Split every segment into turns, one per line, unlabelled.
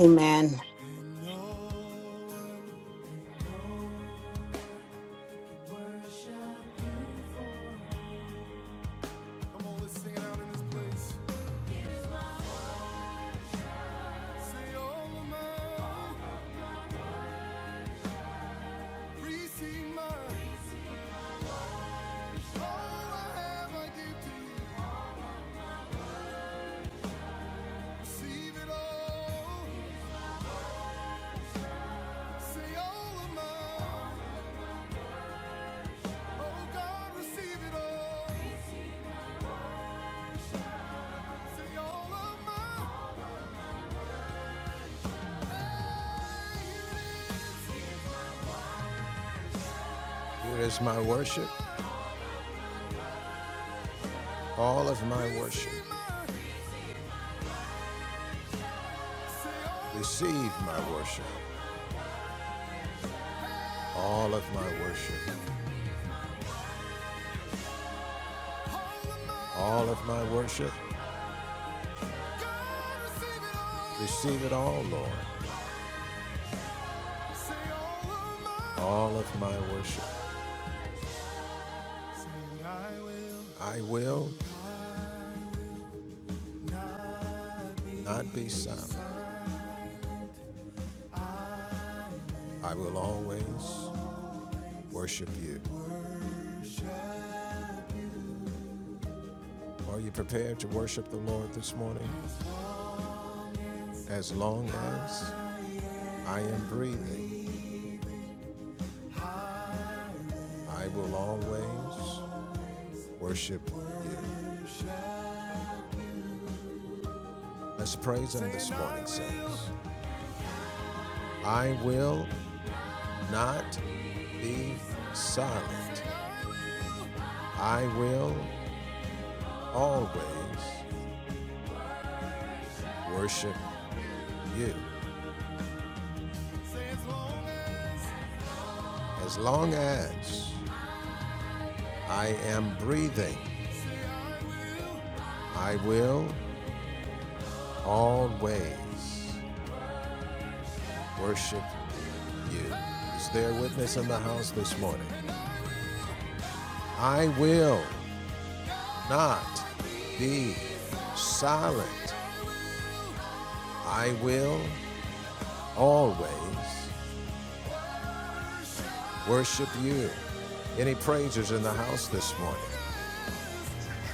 Amen.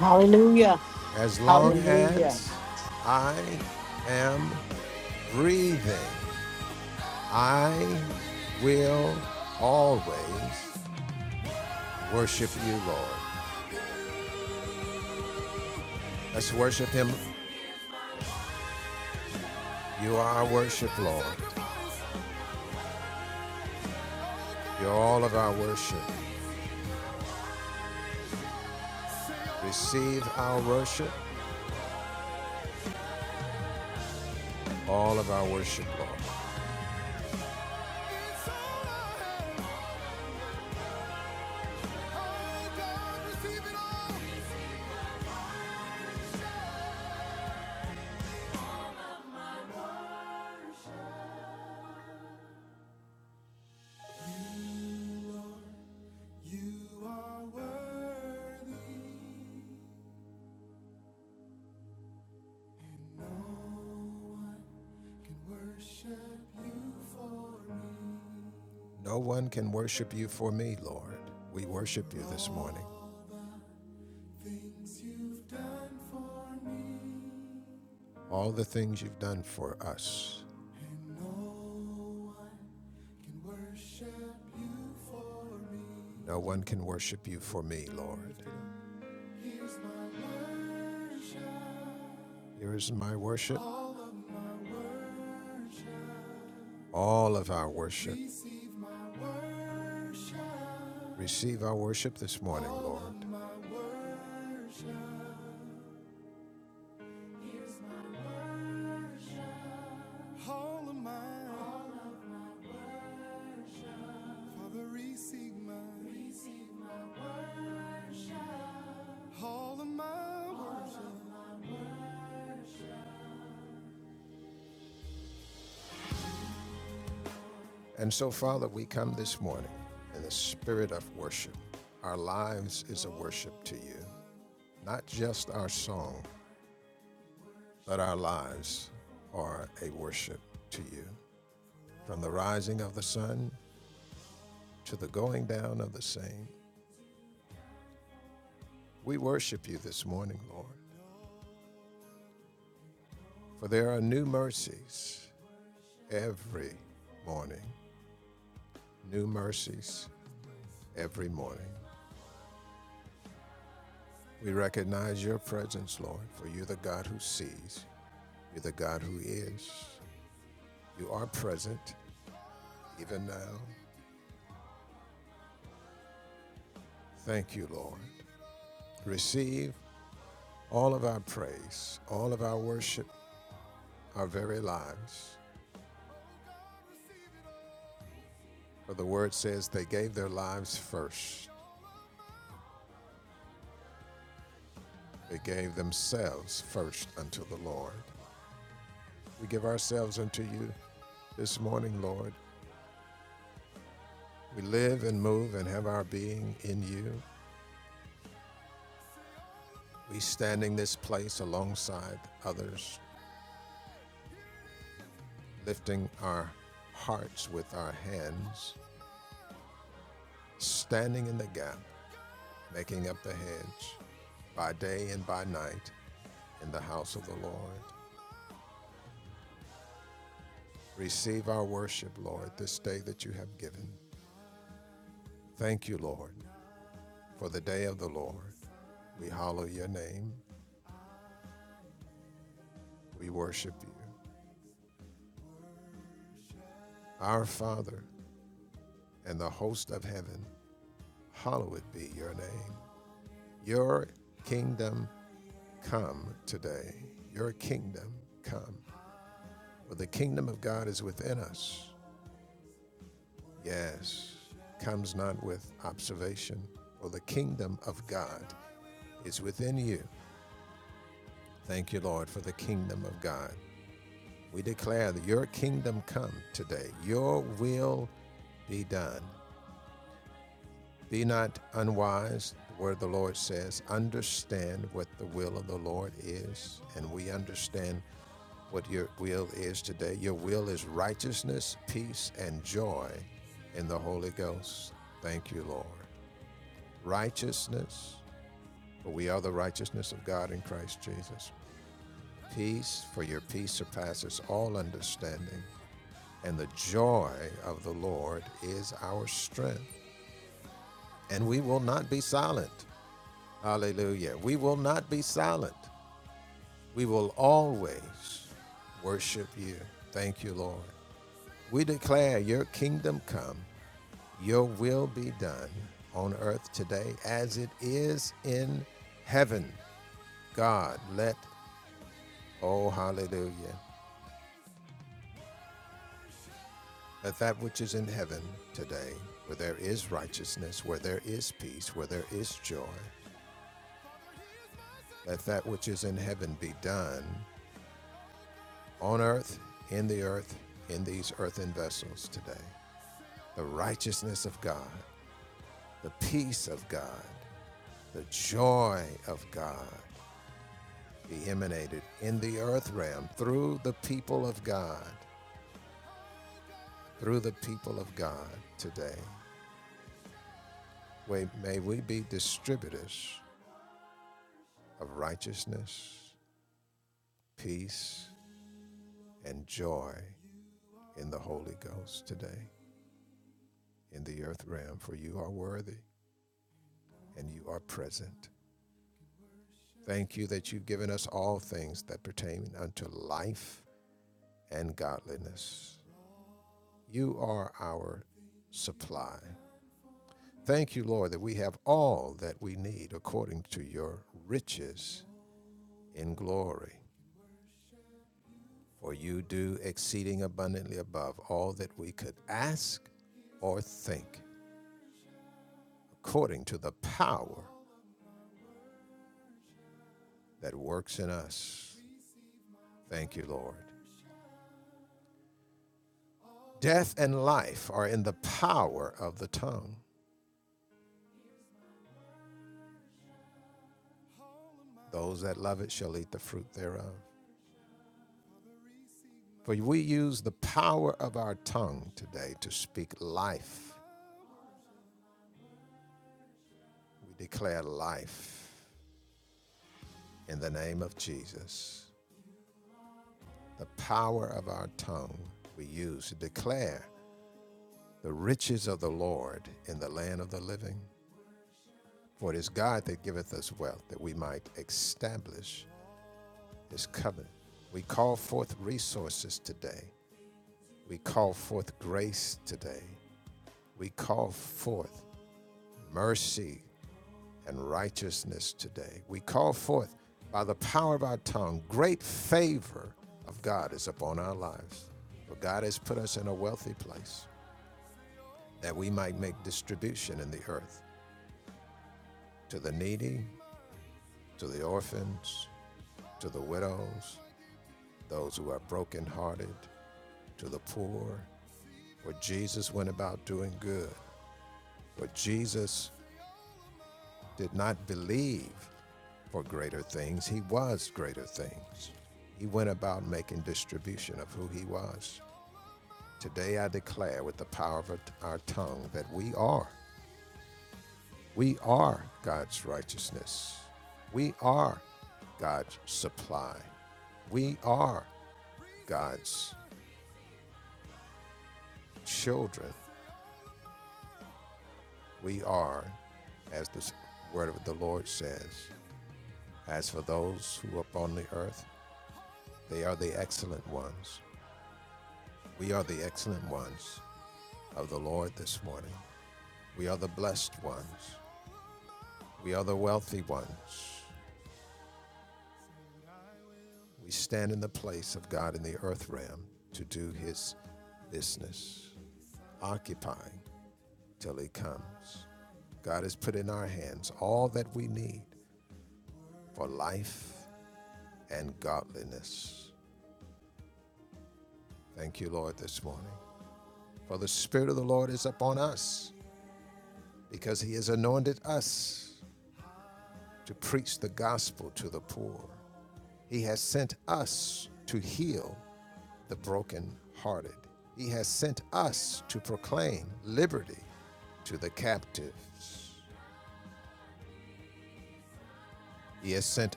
Hallelujah. Hallelujah.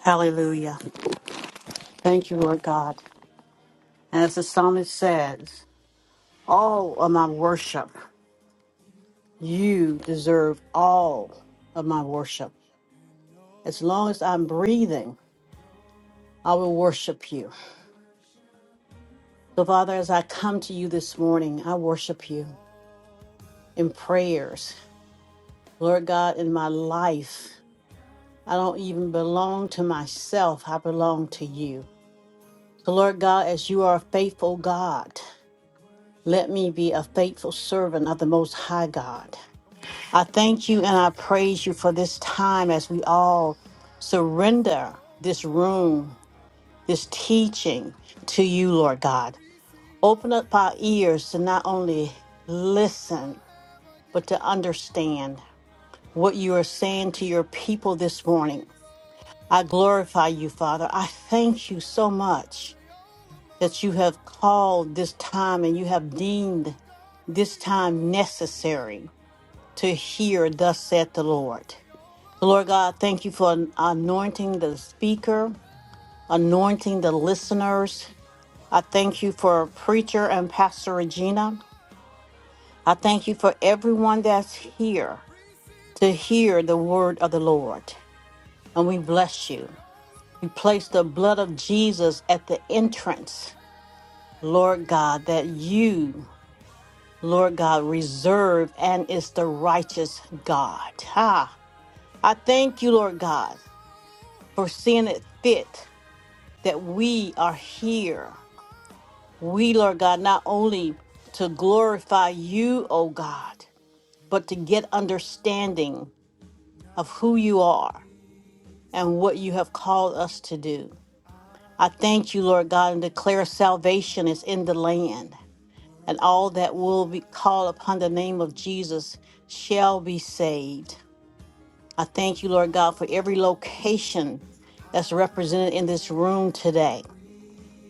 Hallelujah. Thank you, Lord God. As the psalmist says, all of my worship, you deserve all of my worship. As long as I'm breathing, I will worship you. So, Father, as I come to you this morning, I worship you in prayers. Lord God, in my life, I don't even belong to myself, I belong to you. So, Lord God, as you are a faithful God, Let me be a faithful servant of the Most High God. I thank you and I praise you for this time as we all surrender this room, this teaching to you, Lord God. Open up our ears to not only listen, but to understand what you are saying to your people this morning. I glorify you, Father. I thank you so much that you have called this time and you have deemed this time necessary. to hear, thus saith the Lord. So, Lord God, thank you for anointing the speaker, anointing the listeners. I thank you for preacher and Pastor Regina. I thank you for everyone that's here to hear the word of the Lord. And we bless you. We place the blood of Jesus at the entrance, Lord God, that you, Lord God, reserve and is the righteous God. Ha! I thank you, Lord God. for seeing it fit that we are here. We, Lord God, not only to glorify you, O God, but to get understanding of who you are and what you have called us to do. I thank you, Lord God, and declare salvation is in the land, and all that will be call upon the name of Jesus shall be saved. I thank you, Lord God, for every location that's represented in this room today.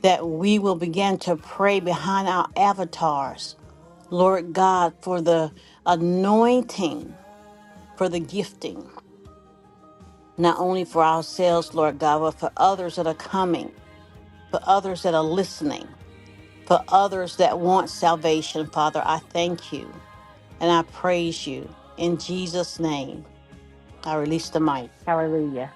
that we will begin to pray behind our avatars, Lord God, for the anointing, for the gifting, not only for ourselves, Lord God, but for others that are coming, for others that are listening, for others that want salvation. Father, I thank you and I praise you. In Jesus' name, I release the mic. Hallelujah.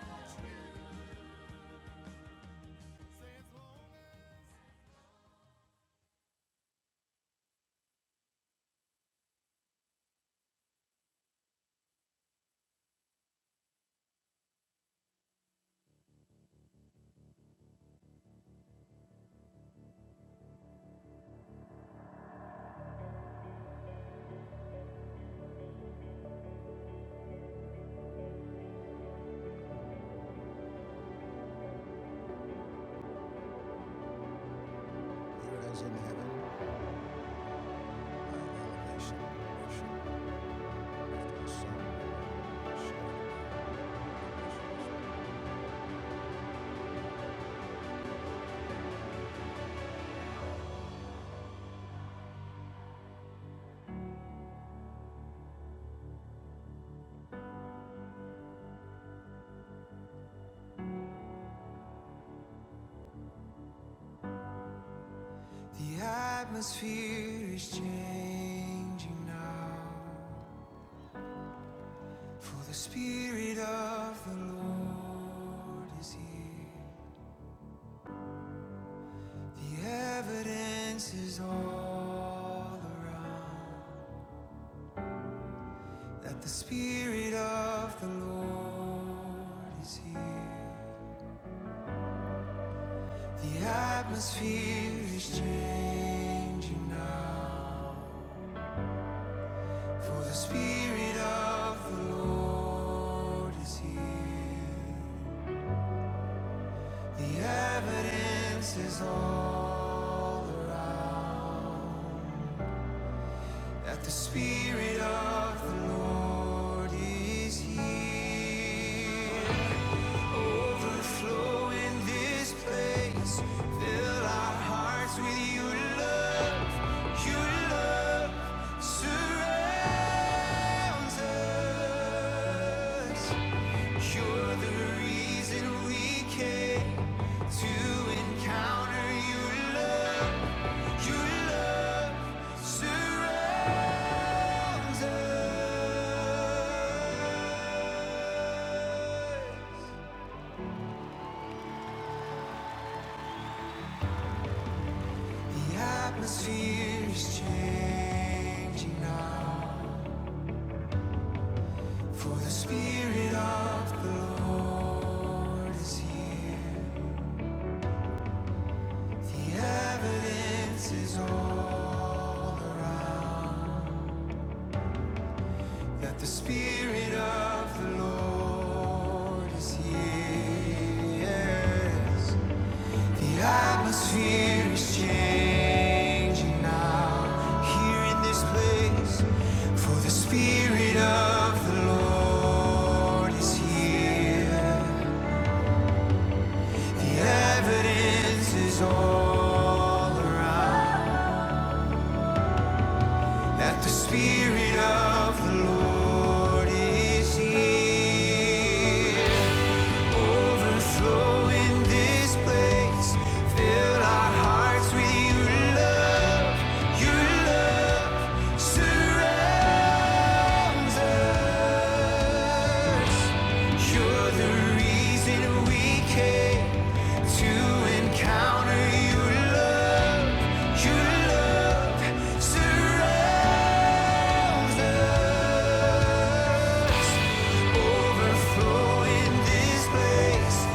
Flow in this place.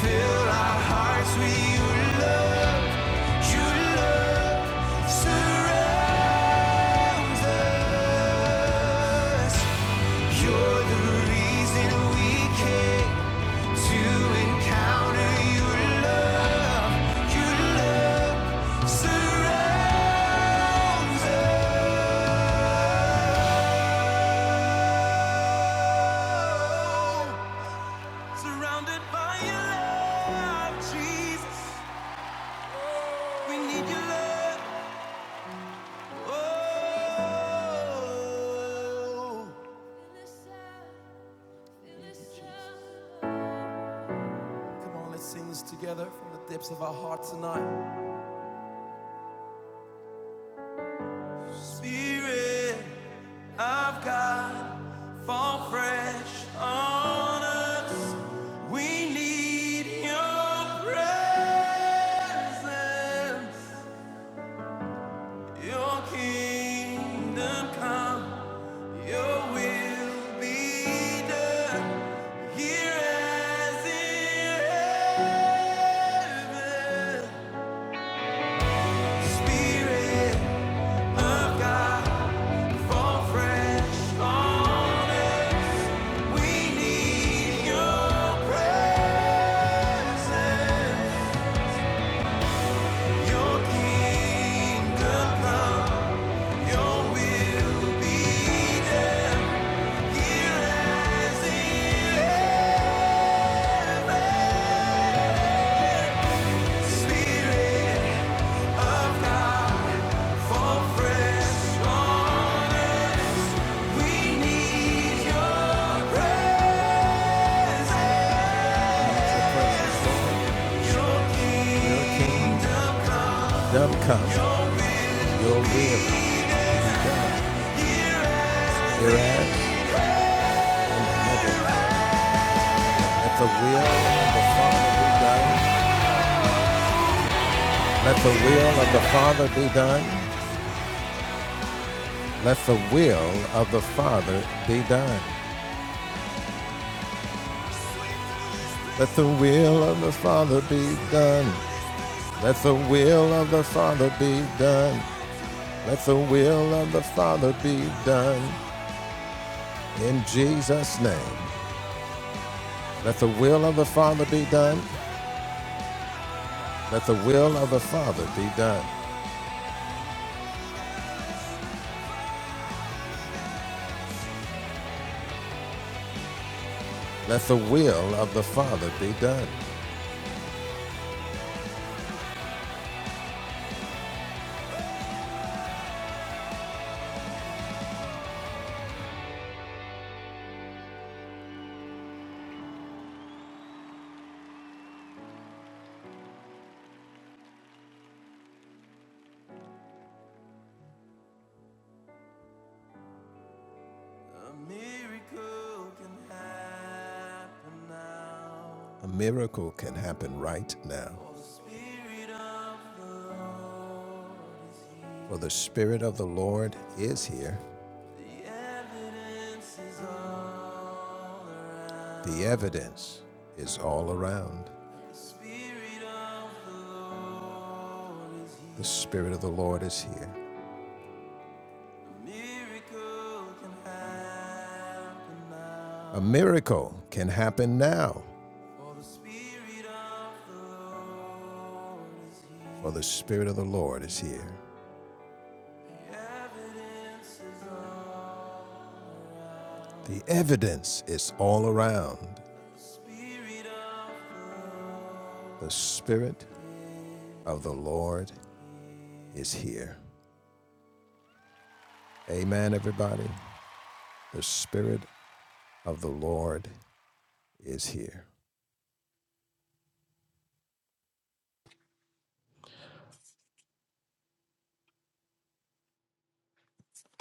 Fill our hearts with your love. Your love surrounds us. You're the reason we came to encounter your love. Your love surrounds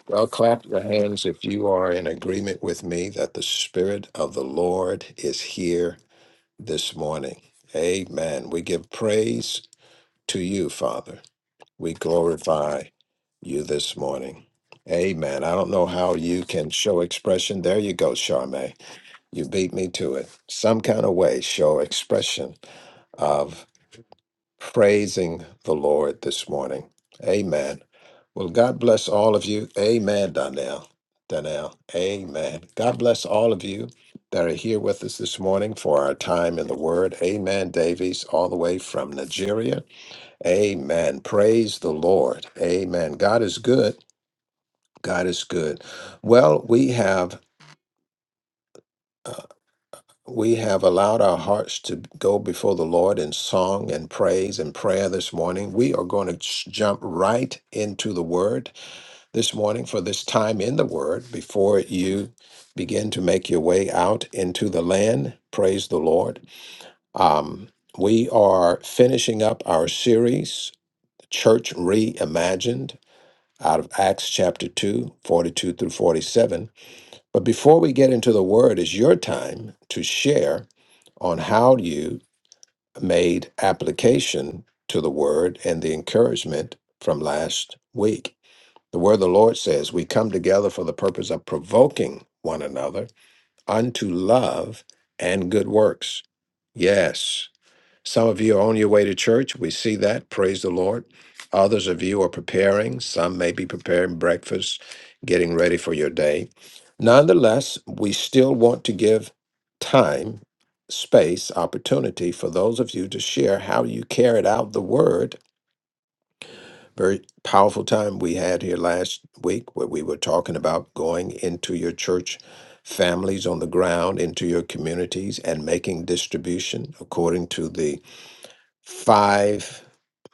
Well, clap your hands if you are in agreement with me that the Spirit of the Lord is here this morning. Amen. We give praise to you, Father. We glorify you this morning. Amen. I don't know how you can show expression. There you go, Charme. You beat me to it. Some kind of way, show expression of. praising the Lord this morning. Amen. Well, God bless all of you. Amen, Donnell. Donnell. Amen. God bless all of you that are here with us this morning for our time in the Word. Amen, Davies, all the way from Nigeria. Amen. Praise the Lord. Amen. God is good. God is good. Well, we have We have allowed our hearts to go before the Lord in song and praise and prayer this morning. We are going to ch- jump right into the Word this morning for this time in the Word before you begin to make your way out into the land. Praise the Lord. Um, we are finishing up our series, Church Reimagined, out of Acts chapter 2, 42 through 47. But before we get into the word, it's your time to share on how you made application to the word and the encouragement from last week. The word of the Lord says, We come together for the purpose of provoking one another unto love and good works. Yes. Some of you are on your way to church. We see that. Praise the Lord. Others of you are preparing. Some may be preparing breakfast, getting ready for your day. Nonetheless, we still want to give time, space, opportunity for those of you to share how you carried out the word. Very powerful time we had here last week where we were talking about going into your church families on the ground, into your communities, and making distribution according to the five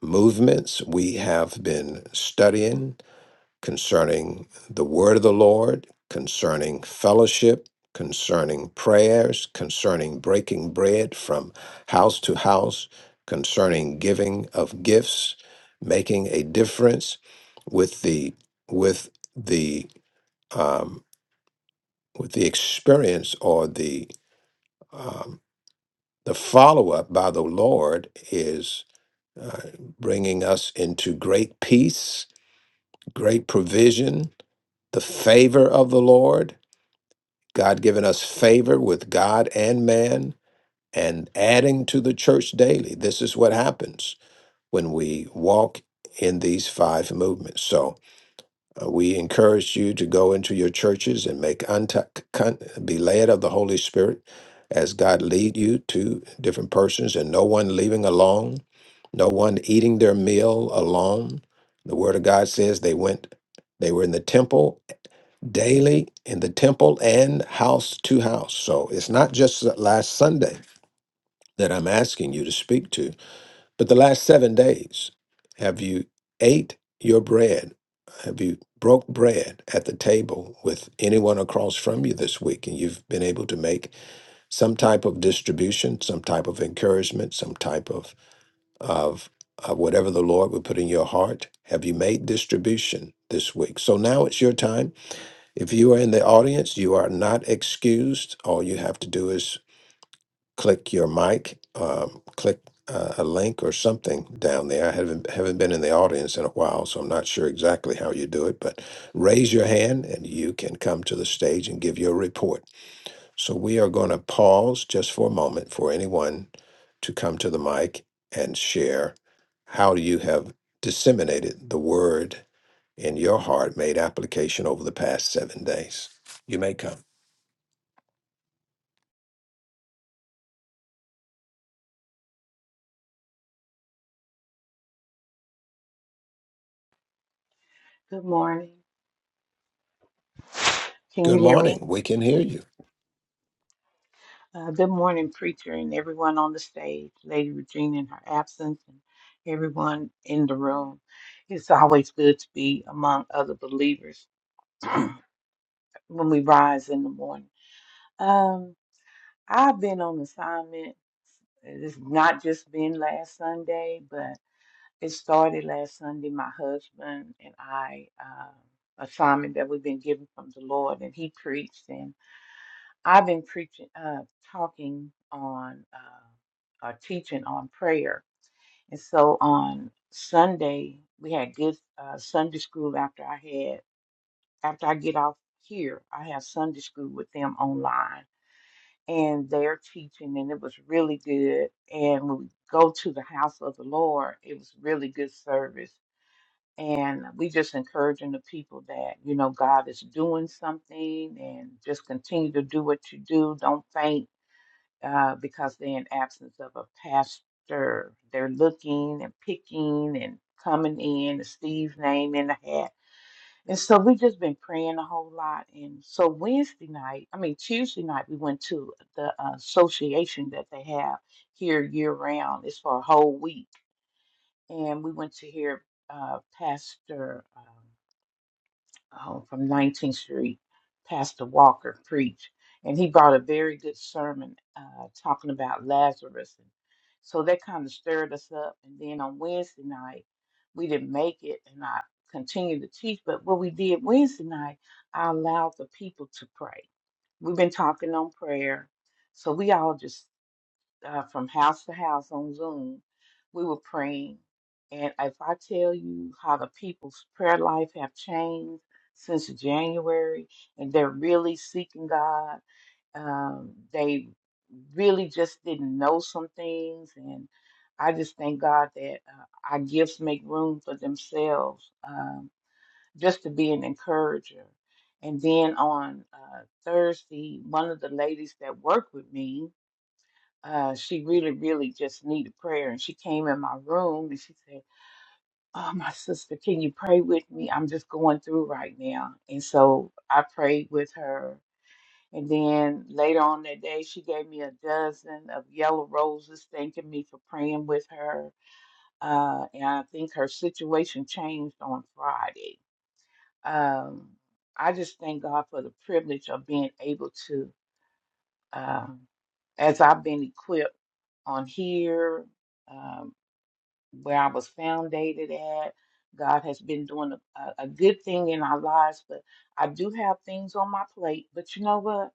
movements we have been studying concerning the word of the Lord, concerning fellowship, concerning prayers, concerning breaking bread from house to house, concerning giving of gifts, making a difference with the with the um, with the experience or the um, the follow up by the Lord uh, bringing us into great peace, great provision, the favor of the Lord, God giving us favor with God and man, and adding to the church daily. This is what happens when we walk in these five movements. So, uh, we encourage you to go into your churches and make unta- con- be led of the Holy Spirit as God lead you to different persons, and no one leaving alone, no one eating their meal alone. The Word of God says they went, they were in the temple daily, in the temple and house to house. So it's not just that last Sunday that I'm asking you to speak to. But the last seven days, have you ate your bread? Have you broke bread at the table with anyone across from you this week? And you've been able to make some type of distribution, some type of encouragement, some type of, of, of whatever the Lord would put in your heart. Have you made distribution this week? So now it's your time. If you are in the audience, you are not excused. All you have to do is click your mic, um, click uh, a link or something down there. I haven't haven't been in the audience in a while, so I'm not sure exactly how you do it. But raise your hand, and you can come to the stage and give your report. So we are going to pause just for a moment for anyone to come to the mic and share how you have disseminated the word in your heart made application over the past seven days. You may come.
Good morning. Can
Good
you hear me?
morning. We can hear you.
Uh, good morning, preacher, and everyone on the stage, Lady Regina in her absence, and everyone in the room. It's always good to be among other believers when we rise in the morning. Um, I've been on assignment. It's not just been last Sunday, but it started last Sunday. My husband and I, uh, assignment that we've been given from the Lord, and he preached and. I've been preaching, uh, talking on, uh, or teaching on prayer. And so on Sunday, we had good uh, Sunday school after I had, after I get off here, I have Sunday school with them online. And they're teaching, and it was really good. And when we go to the house of the Lord, it was really good service. And we just encouraging the people that, you know, God is doing something and just continue to do what you do. Don't faint uh, because they're in absence of a pastor. They're looking and picking and coming in, Steve's name in the hat. And so we've just been praying a whole lot. And so Wednesday night, I mean, Tuesday night, we went to the uh, association that they have here year round. It's for a whole week. And we went to hear uh, Pastor. um, uh, from 19th Street, Pastor Walker preached, and he brought a very good sermon uh, talking about Lazarus. So that kind of stirred us up. And then on Wednesday night, we didn't make it, and I continued to teach. But what we did Wednesday night, I allowed the people to pray. We've been talking on prayer, so we all just uh, from house to house on Zoom. We were praying. And if I tell you how the people's prayer life have changed since January, and they're really seeking God, um, they really just didn't know some things. And I just thank God that uh, our gifts make room for themselves um, just to be an encourager. And then on uh, Thursday, one of the ladies that worked with me, uh, she really, really just needed prayer. And she came in my room and she said, Oh, my sister, can you pray with me? I'm just going through right now. And so I prayed with her. And then later on that day, she gave me a dozen of yellow roses, thanking me for praying with her. Uh, and I think her situation changed on Friday. Um, I just thank God for the privilege of being able to, um, as I've been equipped on here um, where I was foundated at. God has been doing a, a a good thing in our lives, but I do have things on my plate. But you know what?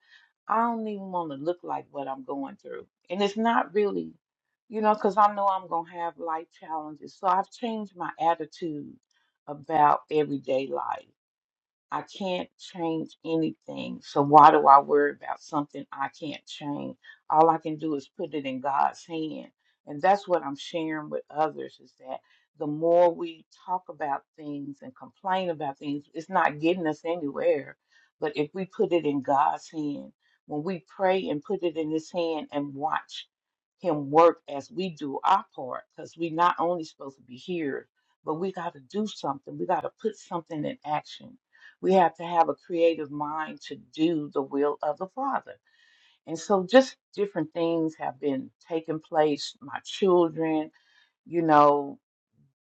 I don't even want to look like what I'm going through. And it's not really, you know, because I know I'm going to have life challenges. So I've changed my attitude about everyday life. I can't change anything. So why do I worry about something I can't change? All I can do is put it in God's hand. And that's what I'm sharing with others is that the more we talk about things and complain about things, it's not getting us anywhere. But if we put it in God's hand, when we pray and put it in his hand and watch him work as we do our part, because we not only supposed to be here, but we got to do something. We got to put something in action we have to have a creative mind to do the will of the Father. And so just different things have been taking place. My children, you know,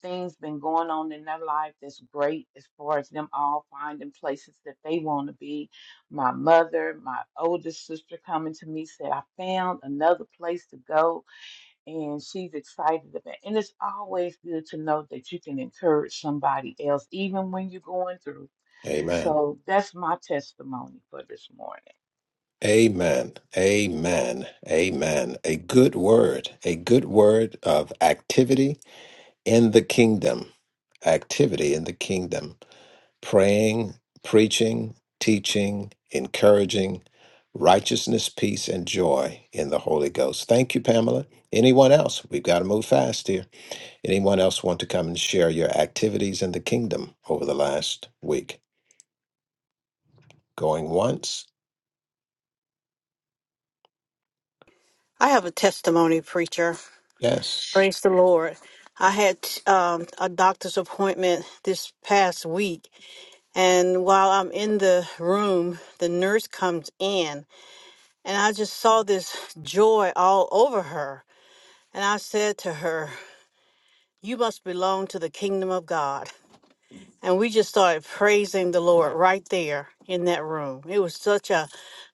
things been going on in their life that's great as far as them all finding places that they want to be. My mother, my oldest sister coming to me said, I found another place to go and she's excited about it. And it's always good to know that you can encourage somebody else, even when you're going through.
Amen.
So that's my testimony for this morning.
Amen. Amen. Amen. A good word, a good word of activity in the kingdom. Activity in the kingdom. Praying, preaching, teaching, encouraging, righteousness, peace, and joy in the Holy Ghost. Thank you, Pamela. Anyone else? We've got to move fast here. Anyone else want to come and share your activities in the kingdom over the last week? Going once?
I have a testimony, preacher.
Yes.
Praise the Lord. I had um, a doctor's appointment this past week, And while I'm in the room, the nurse comes in, and I just saw this joy all over her. And I said to her, You must belong to the kingdom of God and we just started praising the Lord right there in that room. It was such a,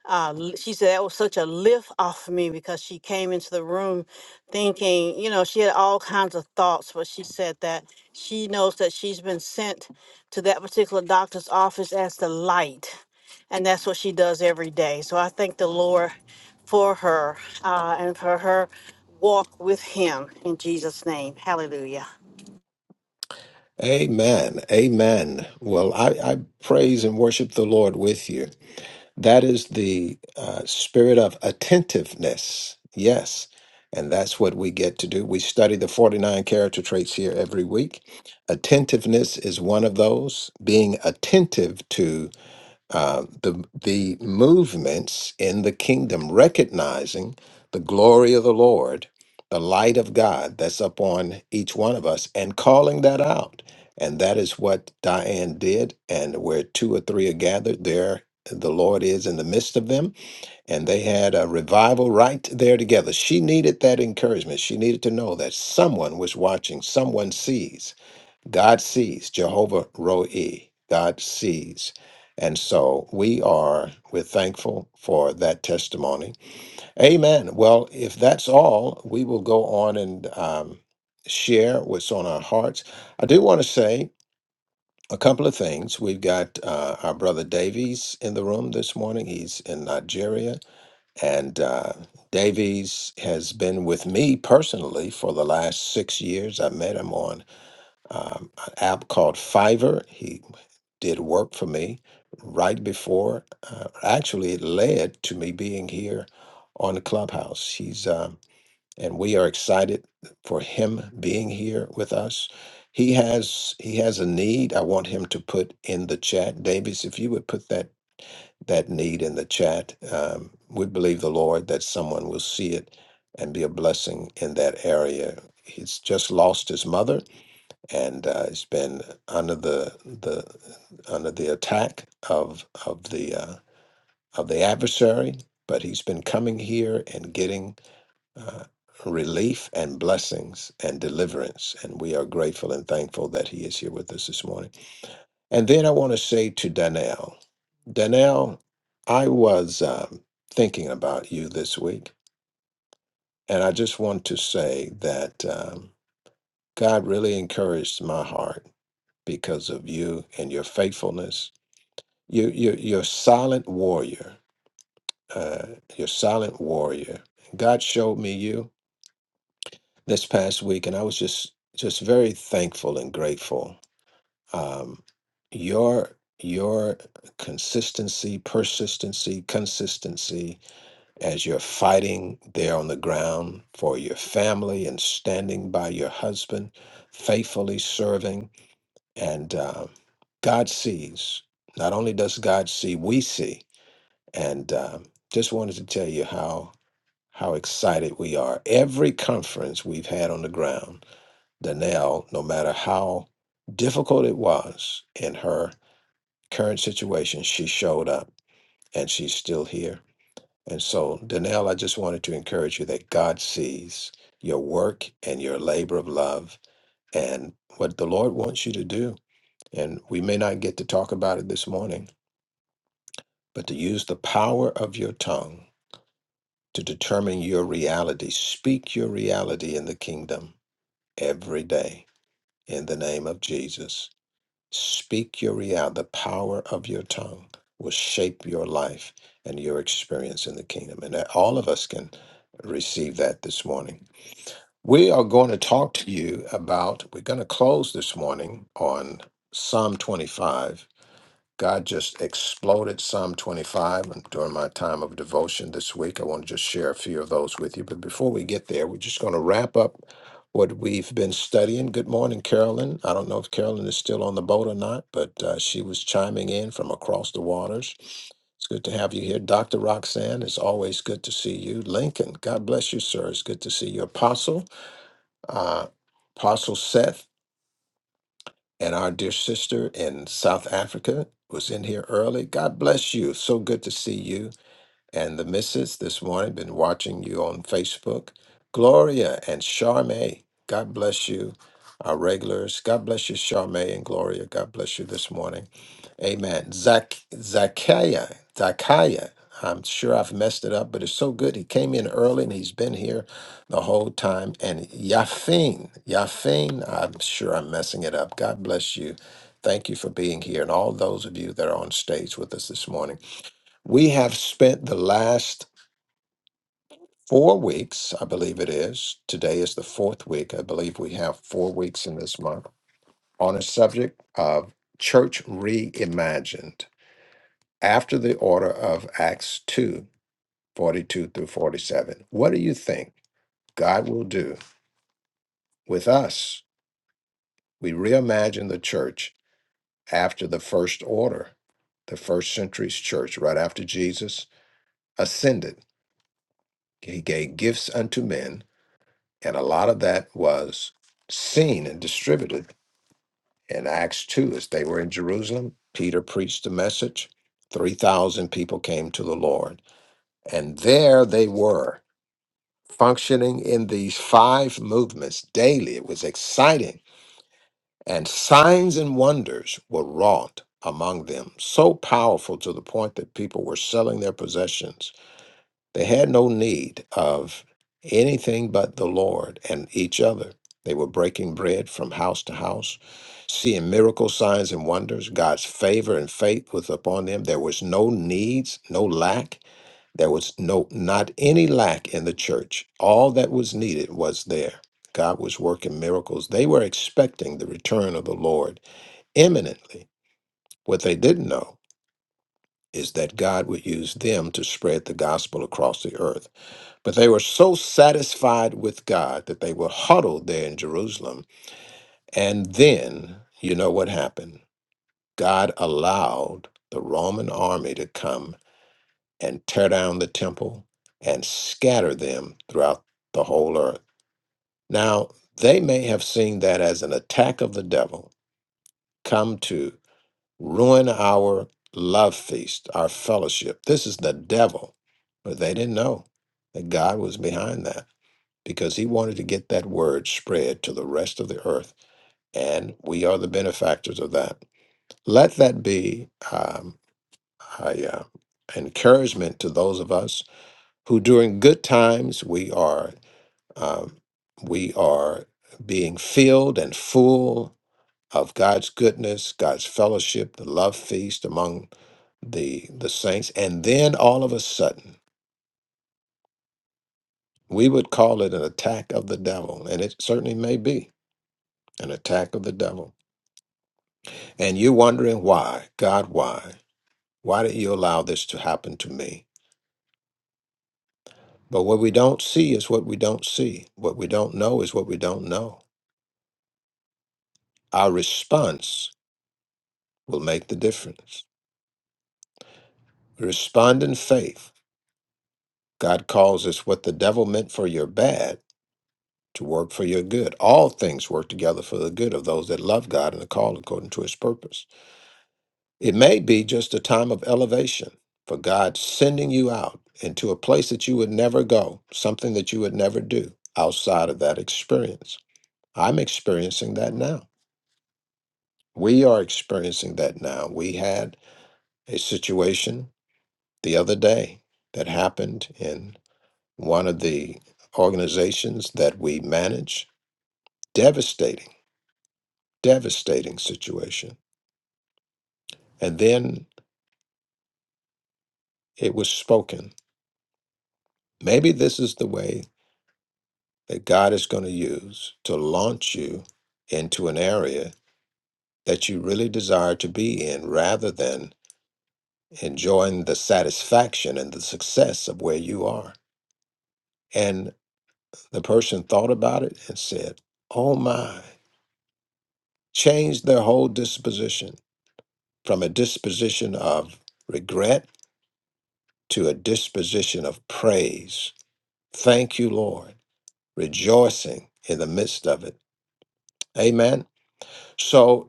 uh, l- she said that was such a lift off of me because she came into the room thinking, you know, she had all kinds of thoughts, but she said that she knows that she's been sent to that particular doctor's office as the light. And that's what she does every day. So I thank the Lord for her uh, and for her walk with Him in Jesus' name. Hallelujah.
Amen. Amen. Well, I, I praise and worship the Lord with you. That is the uh, spirit of attentiveness. Yes. And that's what we get to do. We study the 49 character traits here every week. Attentiveness is one of those, being attentive to uh, the the movements in the kingdom, recognizing the glory of the Lord, the light of God that's upon each one of us, and calling that out. And that is what Diane did. And where two or three are gathered, there the Lord is in the midst of them and they had a revival right there together. She needed that encouragement. She needed to know that someone was watching, someone sees. God sees, Jehovah Roe, God sees. And so we are, we're thankful for that testimony. Amen. Well, if that's all, we will go on and um, share what's on our hearts. I do want to say a couple of things. We've got uh, our brother Davies in the room this morning, he's in Nigeria. And uh, Davies has been with me personally for the last six years. I met him on um, an app called Fiverr. He did work for me right before, uh, actually, it led to me being here on the clubhouse. He's, um, and we are excited for him being here with us. He has he has a need. I want him to put in the chat, Davies. If you would put that that need in the chat. Um, we believe the Lord that someone will see it and be a blessing in that area. He's just lost his mother, and uh, he's been under the the under the attack of of the uh, of the adversary. But he's been coming here and getting uh, relief and blessings and deliverance, and we are grateful and thankful that he is here with us this morning. And then I want to say to Danelle, Danelle, I was um, thinking about you this week, and I just want to say that um, God really encouraged my heart because of you and your faithfulness. You, you, you're a silent warrior. Uh, you're a silent warrior. God showed me you this past week, and I was just just very thankful and grateful um, your your consistency, persistency, consistency as you're fighting there on the ground for your family and standing by your husband, faithfully serving, and uh, God sees. Not only does God see, we see, and uh, just wanted to tell you how how excited we are. Every conference we've had on the ground, Danelle, no matter how difficult it was in her current situation, she showed up and she's still here. And so, Danelle, I just wanted to encourage you that God sees your work and your labor of love and what the Lord wants you to do. And we may not get to talk about it this morning, but to use the power of your tongue to determine your reality. Speak your reality in the kingdom every day in the name of Jesus. Speak your reality. The power of your tongue will shape your life and your experience in the kingdom. And that all of us can receive that this morning. We are going to talk to you about, we're going to close this morning on Psalm 25 God just exploded Psalm 25 and during my time of devotion this week. I want to just share a few of those with you. But before we get there, we're just going to wrap up what we've been studying. Good morning, Carolyn. I don't know if Carolyn is still on the boat or not, but uh, she was chiming in from across the waters. It's good to have you here. Dr. Roxanne, it's always good to see you. Lincoln, God bless you, sir. It's good to see you. Apostle, uh, Apostle Seth, and our dear sister in South Africa was in here early. God bless you. So good to see you and the missus this morning been watching you on Facebook. Gloria and Charme, God bless you, our regulars. God bless you, Charme and Gloria. God bless you this morning. Amen. Zach Zachaya, Zachaya. I'm sure I've messed it up, but it's so good. He came in early and he's been here the whole time. And Yafin, Yafin, I'm sure I'm messing it up. God bless you. Thank you for being here and all those of you that are on stage with us this morning. We have spent the last four weeks, I believe it is. Today is the fourth week. I believe we have four weeks in this month on a subject of church reimagined after the order of Acts 2 42 through 47. What do you think God will do with us? We reimagine the church after the first order, the first century's church, right after Jesus ascended. He gave gifts unto men And a lot of that was seen and distributed in Acts 2 as they were in Jerusalem. Peter preached the message. 3,000 people came to the Lord. And there they were functioning in these five movements daily. It was exciting. And signs and wonders were wrought among them, so powerful to the point that people were selling their possessions They had no need of anything but the Lord and each other. They were breaking bread from house to house, seeing miracle signs and wonders. God's favor and faith was upon them. There was no needs, no lack. There was no not any lack in the church. All that was needed was there. God was working miracles. They were expecting the return of the Lord imminently. What they didn't know is that God would use them to spread the gospel across the earth. But they were so satisfied with God that they were huddled there in Jerusalem. And then, you know what happened? God allowed the Roman army to come and tear down the temple and scatter them throughout the whole earth. Now, they may have seen that as an attack of the devil come to ruin our love feast, our fellowship. This is the devil. But they didn't know that God was behind that. because he wanted to get that word spread to the rest of the earth, and we are the benefactors of that. Let that be um, a, uh, encouragement to those of us who, during good times, we are um, we are being filled and full of God's goodness, God's fellowship, the love feast among the the saints, and then all of a sudden. We would call it an attack of the devil, and it certainly may be an attack of the devil And you're wondering why, God, why? Why did you allow this to happen to me? But what we don't see is what we don't see. What we don't know is what we don't know. Our response will make the difference. Respond in faith. God calls us what the devil meant for your bad to work for your good. All things work together for the good of those that love God and are called according to his purpose. It may be just a time of elevation for God sending you out into a place that you would never go, something that you would never do outside of that experience. I'm experiencing that now. We are experiencing that now. We had a situation the other day that happened in one of the organizations that we manage. Devastating, devastating situation. And then it was spoken. Maybe this is the way that God is going to use to launch you into an area that you really desire to be in rather than enjoying the satisfaction and the success of where you are. And the person thought about it and said, Oh my, changed their whole disposition from a disposition of regret to a disposition of praise. Thank you, Lord, rejoicing in the midst of it. Amen. So.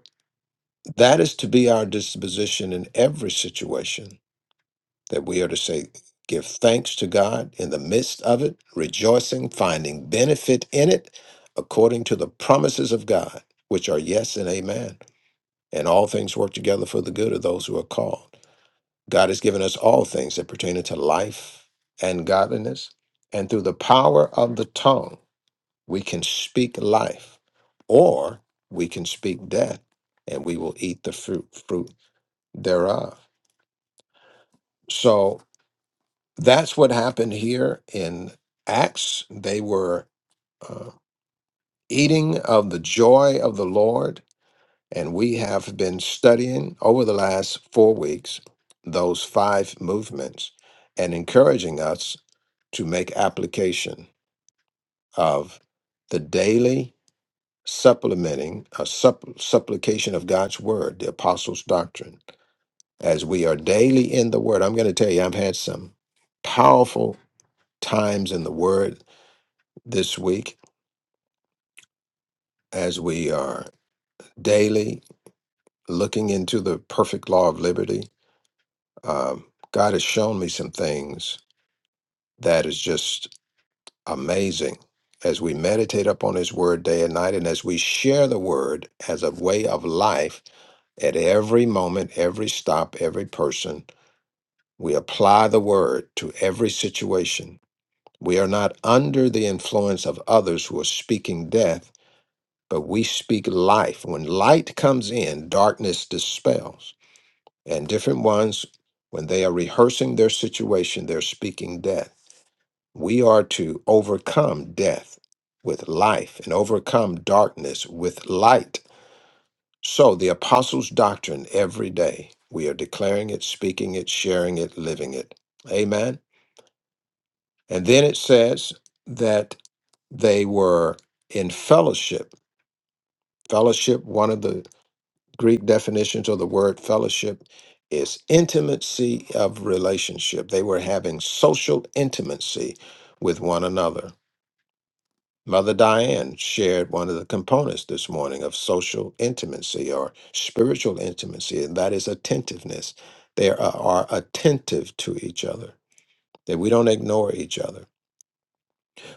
That is to be our disposition in every situation, that we are to say, give thanks to God in the midst of it, rejoicing, finding benefit in it, according to the promises of God, which are yes and amen. And all things work together for the good of those who are called. God has given us all things that pertain to life and godliness. And through the power of the tongue, we can speak life or we can speak death, and we will eat the fruit, fruit thereof. So that's what happened here in Acts. They were uh, eating of the joy of the Lord. And we have been studying over the last four weeks those five movements and encouraging us to make application of the daily supplementing a supp- supplication of God's word, the apostles' doctrine, as we are daily in the word. I'm going to tell you, I've had some powerful times in the Word this week as we are daily looking into the perfect law of liberty. Um, God has shown me some things that is just amazing as we meditate upon His Word day and night, and as we share the Word as a way of life at every moment, every stop, every person. We apply the Word to every situation. We are not under the influence of others who are speaking death but we speak life. When light comes in, darkness dispels. And different ones, when they are rehearsing their situation, they're speaking death. We are to overcome death with life and overcome darkness with light. So, the apostles' doctrine every day, we are declaring it, speaking it, sharing it, living it. Amen. And then it says that they were in fellowship. Fellowship, one of the Greek definitions of the word fellowship is intimacy of relationship. They were having social intimacy with one another. Mother Diane shared one of the components this morning of social intimacy or spiritual intimacy, and that is attentiveness. They are, are attentive to each other, that we don't ignore each other.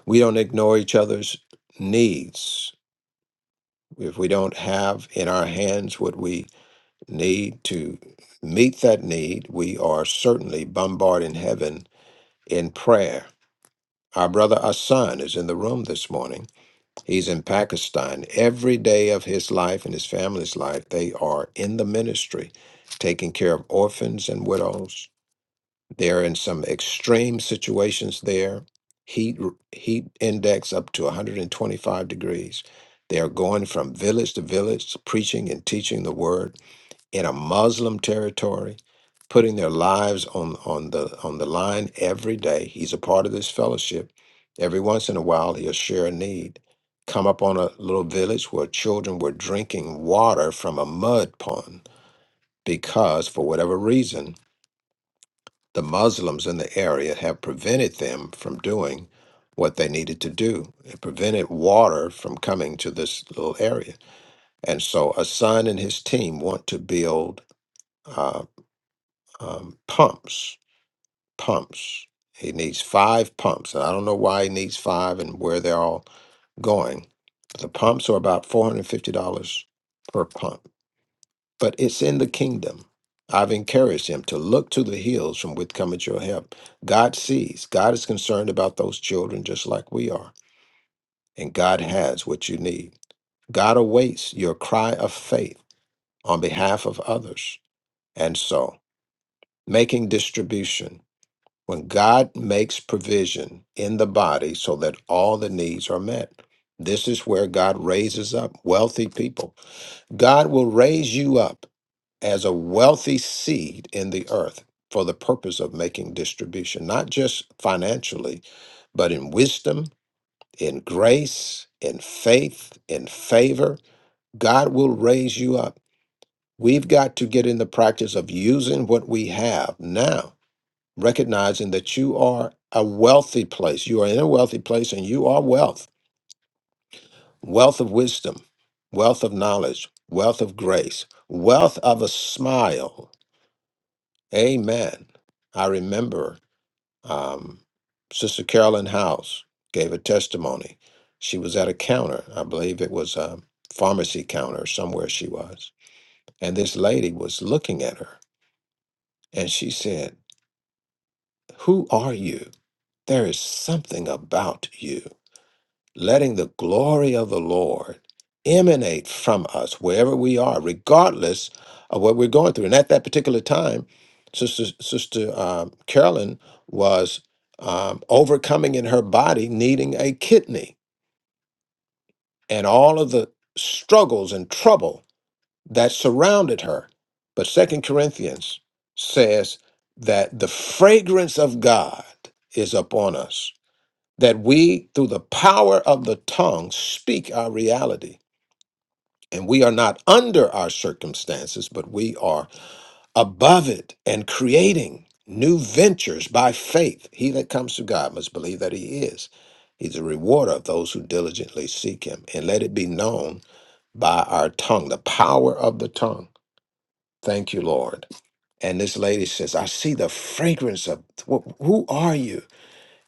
We don't ignore each other's needs. If we don't have in our hands what we need to meet that need, we are certainly bombarding heaven in prayer. Our brother Asan is in the room this morning. He's in Pakistan. Every day of his life and his family's life, they are in the ministry, taking care of orphans and widows. They're in some extreme situations there. Heat heat index up to 125 degrees. They are going from village to village, preaching and teaching the word in a Muslim territory, putting their lives on, on the on the line every day. He's a part of this fellowship. Every once in a while, he'll share a need. Come up on a little village where children were drinking water from a mud pond because, for whatever reason, the Muslims in the area have prevented them from doing what they needed to do. It prevented water from coming to this little area. And so, a son and his team want to build. uh, um, pumps, pumps. He needs five pumps, and I don't know why he needs five and where they're all going. the pumps are about four hundred fifty dollars per pump, but it's in the kingdom. I've encouraged him to look to the hills from which cometh your help. God sees. God is concerned about those children just like we are, and God has what you need. God awaits your cry of faith on behalf of others, and so making distribution. When God makes provision in the body so that all the needs are met, this is where God raises up wealthy people. God will raise you up as a wealthy seed in the earth for the purpose of making distribution, not just financially, but in wisdom, in grace, in faith, in favor. God will raise you up. We've got to get in the practice of using what we have now recognizing that you are a wealthy place. You are in a wealthy place and you are wealth, wealth of wisdom, wealth of knowledge, wealth of grace, wealth of a smile. Amen. I remember um, Sister Carolyn House gave a testimony. She was at a counter, I believe it was a pharmacy counter somewhere she was. And this lady was looking at her and she said, Who are you? There is something about you. letting the glory of the Lord emanate from us wherever we are, regardless of what we're going through. And at that particular time, Sister, Sister um, Carolyn was um, overcoming in her body needing a kidney and all of the struggles and trouble that surrounded her. But Second Corinthians says that the fragrance of God is upon us that we, through the power of the tongue, speak our reality. And we are not under our circumstances, but we are above it and creating new ventures by faith. He that comes to God must believe that he is. He's a rewarder of those who diligently seek him. And let it be known by our tongue, the power of the tongue. Thank you, Lord. And this lady says, I see the fragrance of, wh- who are you?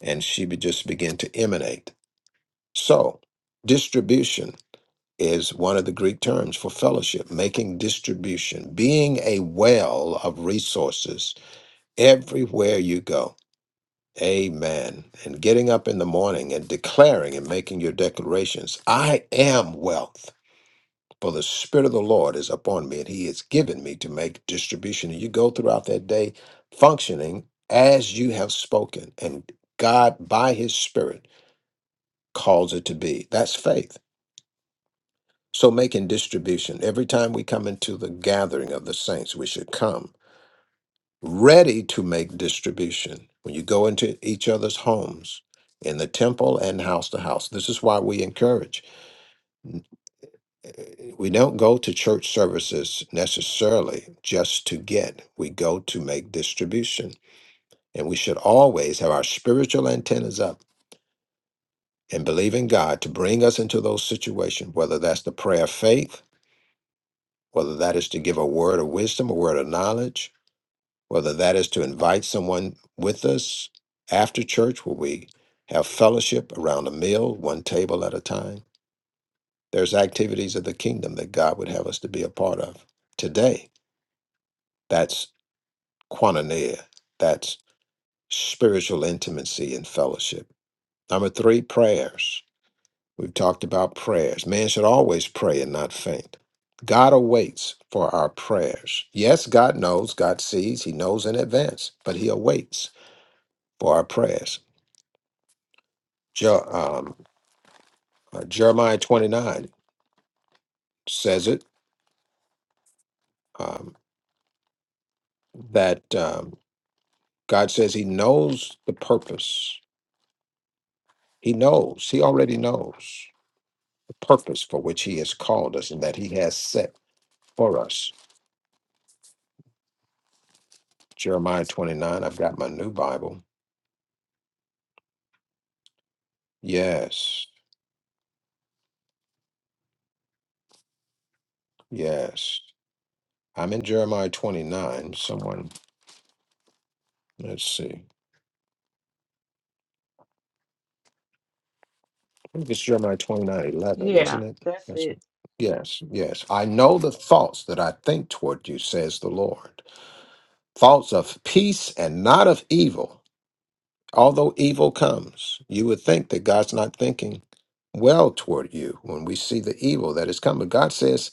And she be- just began to emanate. So, distribution is one of the Greek terms for fellowship, making distribution, being a well of resources everywhere you go. Amen. And getting up in the morning and declaring and making your declarations I am wealth. For the Spirit of the Lord is upon me, and He has given me to make distribution. And you go throughout that day functioning as you have spoken, and God, by His Spirit, calls it to be. That's faith. So making distribution. Every time we come into the gathering of the saints, we should come ready to make distribution. When you go into each other's homes, in the temple and house to house. This is why we encourage. eh, We don't go to church services necessarily just to get, we go to make distribution. And we should always have our spiritual antennas up and believe in God to bring us into those situations, whether that's the prayer of faith whether that is to give a word of wisdom, a word of knowledge, whether that is to invite someone with us after church where we have fellowship around a meal, one table at a time. There's activities of the kingdom that God would have us to be a part of today. That's koinonia, that's spiritual intimacy and fellowship. Number three, prayers We've talked about prayers. Man should always pray and not faint. God awaits for our prayers. Yes, God knows, God sees, He knows in advance, but He awaits for our prayers. Je- um, uh, Jeremiah 29 says it um, that um, God says He knows the purpose. He knows, He already knows the purpose for which He has called us and that He has set for us. Jeremiah 29, I've got my new Bible. Yes. Yes. I'm in Jeremiah 29. Someone, let's see. I think it's Jeremiah twenty
Yeah,
isn't it?
that's
That's
it.
it. Yes, yes. I know the thoughts that I think toward you, says the Lord. Thoughts of peace and not of evil, although evil comes. You would think that God's not thinking well toward you when we see the evil that has come. But God says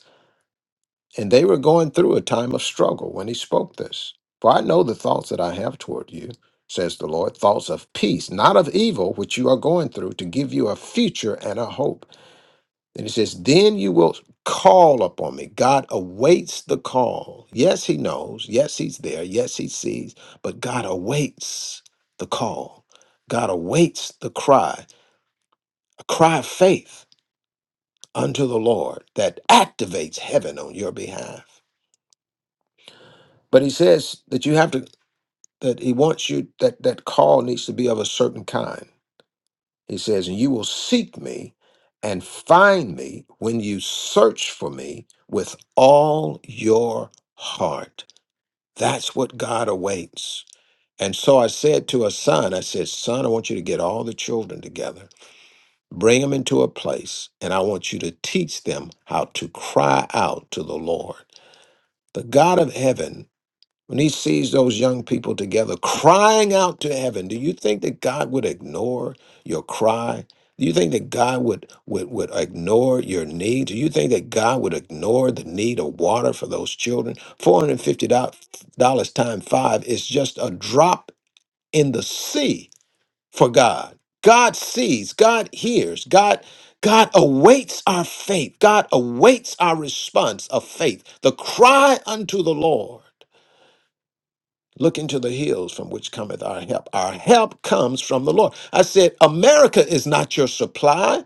And they were going through a time of struggle when he spoke this. For I know the thoughts that I have toward you, says the Lord, thoughts of peace, not of evil, which you are going through, to give you a future and a hope. And he says, Then you will call upon me. God awaits the call. Yes, he knows. Yes, he's there. Yes, he sees. But God awaits the call. God awaits the cry, a cry of faith unto the Lord that activates heaven on your behalf. But he says that you have to that he wants you that that call needs to be of a certain kind he says and you will seek me and find me when you search for me with all your heart that's what god awaits and so i said to a son i said son i want you to get all the children together bring them into a place and i want you to teach them how to cry out to the lord the god of heaven When he sees those young people together crying out to heaven, do you think that God would ignore your cry? Do you think that God would, would, would ignore your need? Do you think that God would ignore the need of water for those children? $450 times five is just a drop in the sea for God. God sees, God hears, God God awaits our faith. God awaits our response of faith. The cry unto the Lord. Look into the hills from which cometh our help. Our help comes from the Lord. I said, America is not your supply.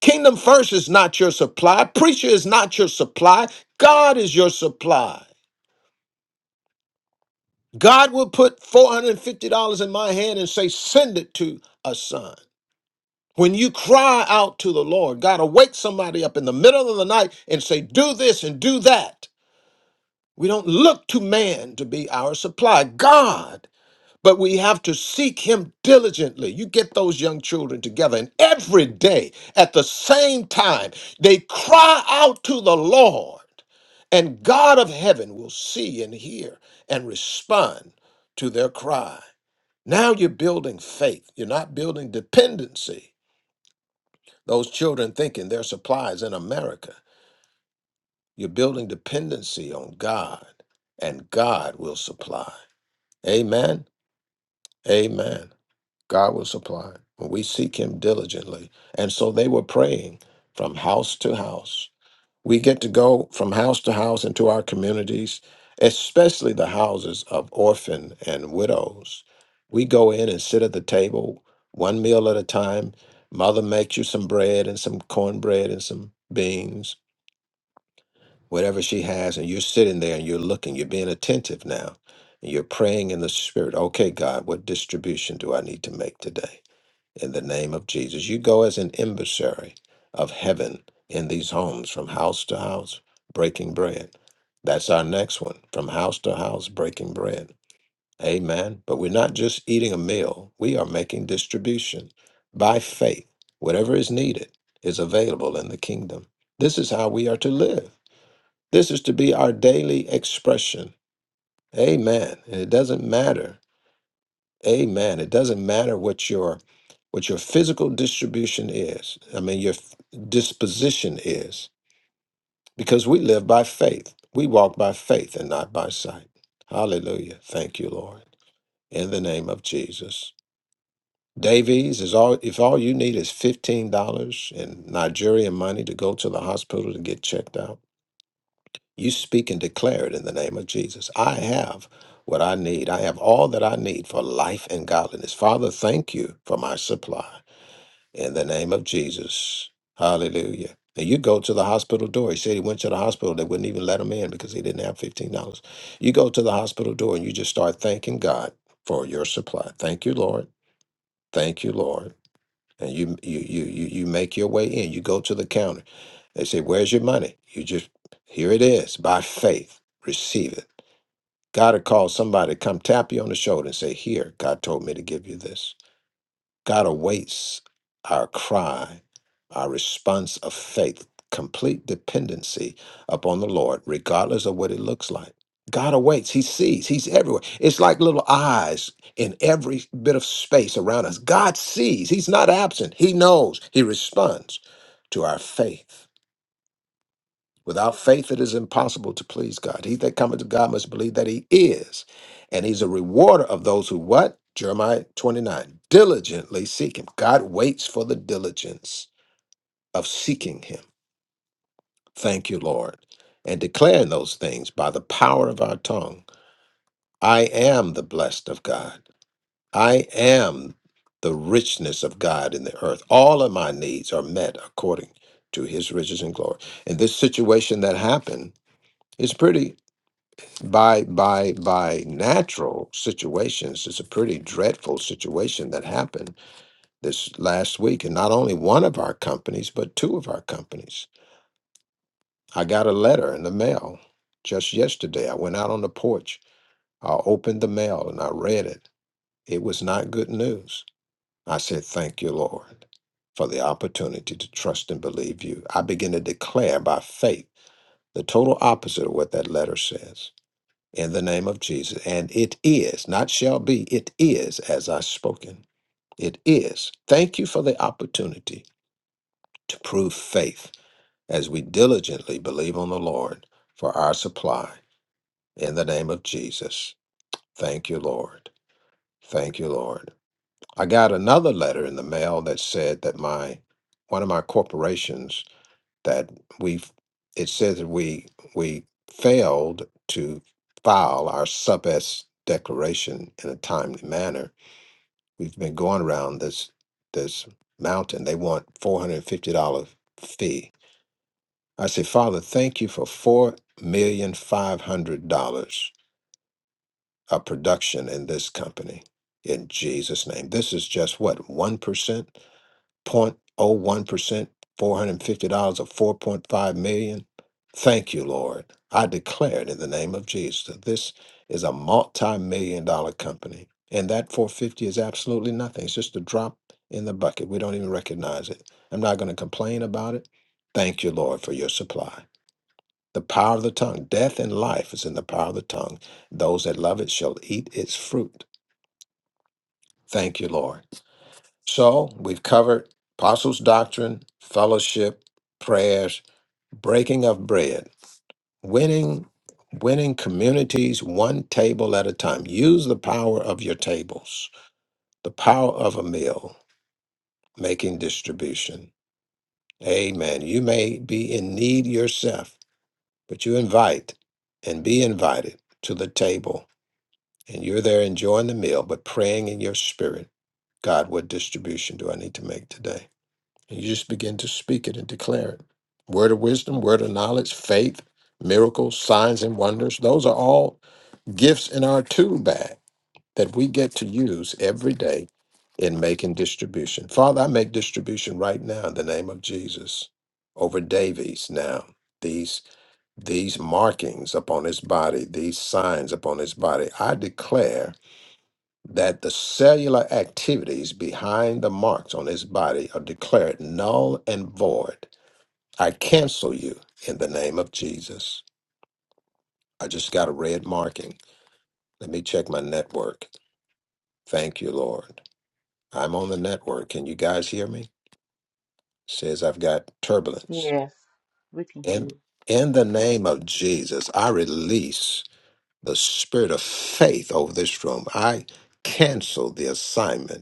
Kingdom First is not your supply. Preacher is not your supply. God is your supply. God will put $450 in my hand and say, Send it to a son. When you cry out to the Lord, God will wake somebody up in the middle of the night and say, Do this and do that. We don't look to man to be our supply. God but we have to seek him diligently. You get those young children together, and every day at the same time, they cry out to the Lord, and God of heaven will see and hear and respond to their cry. Now you're building faith, you're not building dependency. Those children thinking their supplies in America. You're building dependency on God, and God will supply. Amen. Amen. God will supply when we seek Him diligently. And so they were praying from house to house. We get to go from house to house into our communities, especially the houses of orphan and widows. We go in and sit at the table, one meal at a time. Mother makes you some bread and some cornbread and some beans, whatever she has, and you're sitting there and you're looking, you're being attentive now. And you're praying in the spirit, okay, God, what distribution do I need to make today? in the name of Jesus. You go as an emissary of heaven in these homes from house to house, breaking bread. That's our next one from house to house, breaking bread. Amen. But we're not just eating a meal, we are making distribution by faith. Whatever is needed is available in the kingdom. This is how we are to live. This is to be our daily expression. Amen. And it doesn't matter Amen. It doesn't matter what your what your physical distribution is. I mean, your f- disposition is, because we live by faith. We walk by faith and not by sight. Hallelujah. Thank you, Lord. In the name of Jesus. Davies is all if all you need is $15 in Nigerian money to go to the hospital to get checked out. You speak and declare it in the name of Jesus. I have what I need. I have all that I need for life and godliness. Father, thank you for my supply in the name of Jesus. Hallelujah. And you go to the hospital door. He said he went to the hospital. They wouldn't even let him in because he didn't have $15. You go to the hospital door and you just start thanking God for your supply. Thank you, Lord. Thank you, Lord and you you you you you make your way in. You go to the counter. They say, "Where's your money?" You just here it is by faith. Receive it. God will call somebody come tap you on the shoulder and say, "Here, God told me to give you this." God awaits our cry, our response of faith, complete dependency upon the Lord, regardless of what it looks like. God awaits. He sees. He's everywhere. It's like little eyes in every bit of space around us. God sees. He's not absent. He knows. He responds to our faith. Without faith, it is impossible to please God. He that cometh to God must believe that he is, and he's a rewarder of those who what? Jeremiah 29. Diligently seek him. God waits for the diligence of seeking him. Thank you, Lord. And declaring those things by the power of our tongue. I am the blessed of God. I am the richness of God in the earth. All of my needs are met according to his riches and glory. And this situation that happened is pretty by by by natural situations it's a pretty dreadful situation that happened this last week and not only one of our companies but two of our companies i got a letter in the mail just yesterday i went out on the porch i opened the mail and i read it it was not good news i said thank you lord for the opportunity to trust and believe you i begin to declare by faith the total opposite of what that letter says in the name of Jesus. And it is, not shall be, it is as I've spoken. It is. Thank you for the opportunity to prove faith as we diligently believe on the Lord for our supply in the name of Jesus. Thank you, Lord. Thank you, Lord. I got another letter in the mail that said that my one of my corporations that we it says that we we failed to file our sub S declaration in a timely manner. We've been going around this this mountain. They want four hundred and fifty dollar fee. I say, Father, thank you for four million five hundred dollars of production in this company. In Jesus' name. This is just what, one percent? 0.01%, $450 or 4.5 million. Thank you, Lord. I declare it in the name of Jesus. that This is a multi-million dollar company. And that 450 is absolutely nothing. It's just a drop in the bucket. We don't even recognize it. I'm not going to complain about it. Thank you, Lord, for your supply. The power of the tongue, death and life is in the power of the tongue. Those that love it shall eat its fruit. Thank you, Lord. So we've covered apostles' doctrine, fellowship, prayers, breaking of bread, winning, winning communities one table at a time. Use the power of your tables, the power of a meal, making distribution. Amen. You may be in need yourself, but you invite and be invited to the table, and you're there enjoying the meal, but praying in your spirit. God, what distribution do I need to make today? And you just begin to speak it and declare it. Word of wisdom, word of knowledge, faith, miracles, signs, and wonders. Those are all gifts in our tool bag that we get to use every day in making distribution. Father, I make distribution right now in the name of Jesus over Davies now. These these markings upon his body, these signs upon his body. I declare that the cellular activities behind the marks on his body are declared null and void. I cancel you in the name of Jesus. I just got a red marking. Let me check my network. Thank you, Lord. I'm on the network. Can you guys hear me? Says I've got turbulence.
Yes, we can hear
And
you.
in the name of Jesus, I release the spirit of faith over this room. I cancel the assignment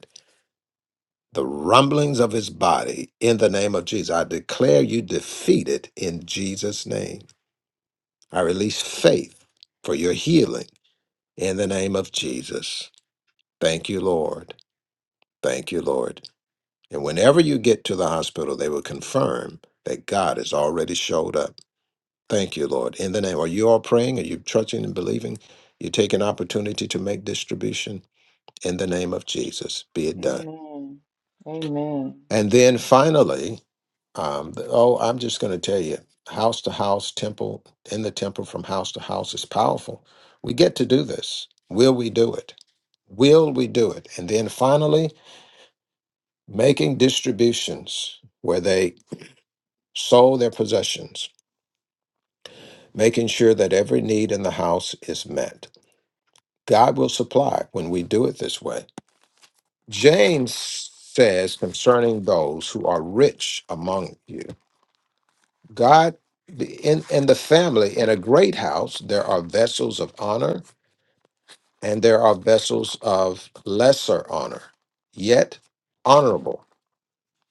the rumblings of his body in the name of Jesus. I declare you defeated in Jesus' name. I release faith for your healing in the name of Jesus. Thank you, Lord. Thank you, Lord. And whenever you get to the hospital, they will confirm that God has already showed up. Thank you, Lord. In the name, are you all praying? Are you trusting and believing? You take an opportunity to make distribution in the name of Jesus. Be it done.
Amen. Amen.
And then finally, Um, the- oh, I'm just going to tell you, house to house, temple in the temple, from house to house is powerful. We get to do this. Will we do it? Will we do it? And then finally, making distributions where they sold their possessions, making sure that every need in the house is met. God will supply when we do it this way. James says concerning those who are rich among you. God the- in in the family in a great house there are vessels of honor and there are vessels of lesser honor yet honorable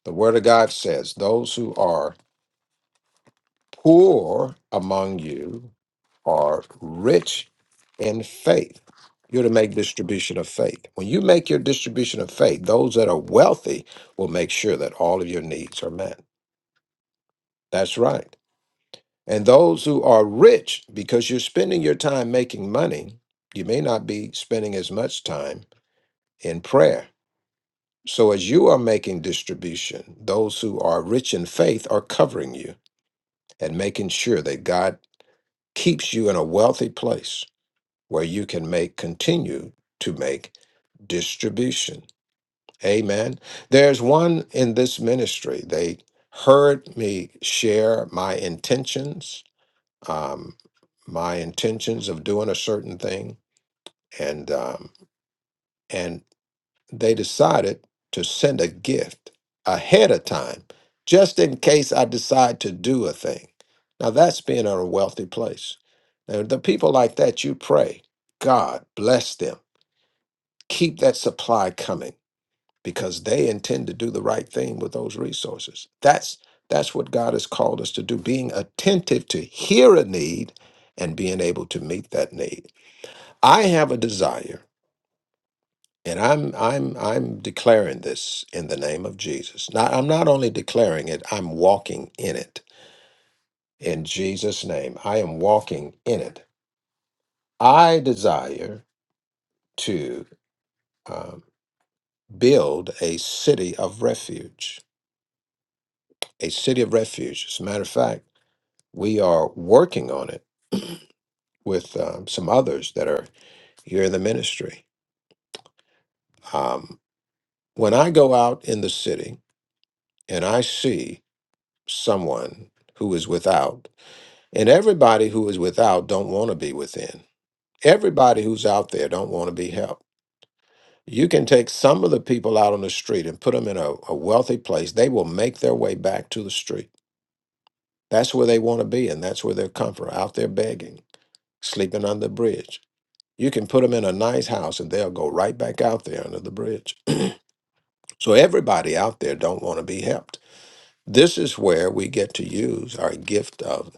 the word of God says those who are poor among you are rich in faith you're to make distribution of faith when you make your distribution of faith those that are wealthy will make sure that all of your needs are met that's right And those who are rich, because you're spending your time making money, you may not be spending as much time in prayer. So, as you are making distribution, those who are rich in faith are covering you and making sure that God keeps you in a wealthy place where you can make, continue to make distribution. Amen. There's one in this ministry. They heard me share my intentions um, my intentions of doing a certain thing, and um, and they decided to send a gift ahead of time, just in case I decide to do a thing. Now that's being in a wealthy place. Now the people like that, you pray, God bless them, keep that supply coming, because they intend to do the right thing with those resources. That's that's what God has called us to do: being attentive to hear a need and being able to meet that need. I have a desire, and I'm I'm I'm declaring this in the name of Jesus. Not I'm not only declaring it, I'm walking in it. In Jesus' name, I am walking in it. I desire to um, build a city of refuge, a city of refuge. As a matter of fact, we are working on it with um, some others that are here in the ministry. Um, when I go out in the city and I see someone who is without and everybody who is without don't want to be within everybody who's out there don't want to be helped you can take some of the people out on the street and put them in a, a wealthy place they will make their way back to the street that's where they want to be and that's where they're comfort out there begging sleeping under the bridge you can put them in a nice house and they'll go right back out there under the bridge so everybody out there don't want to be helped this is where we get to use our gift of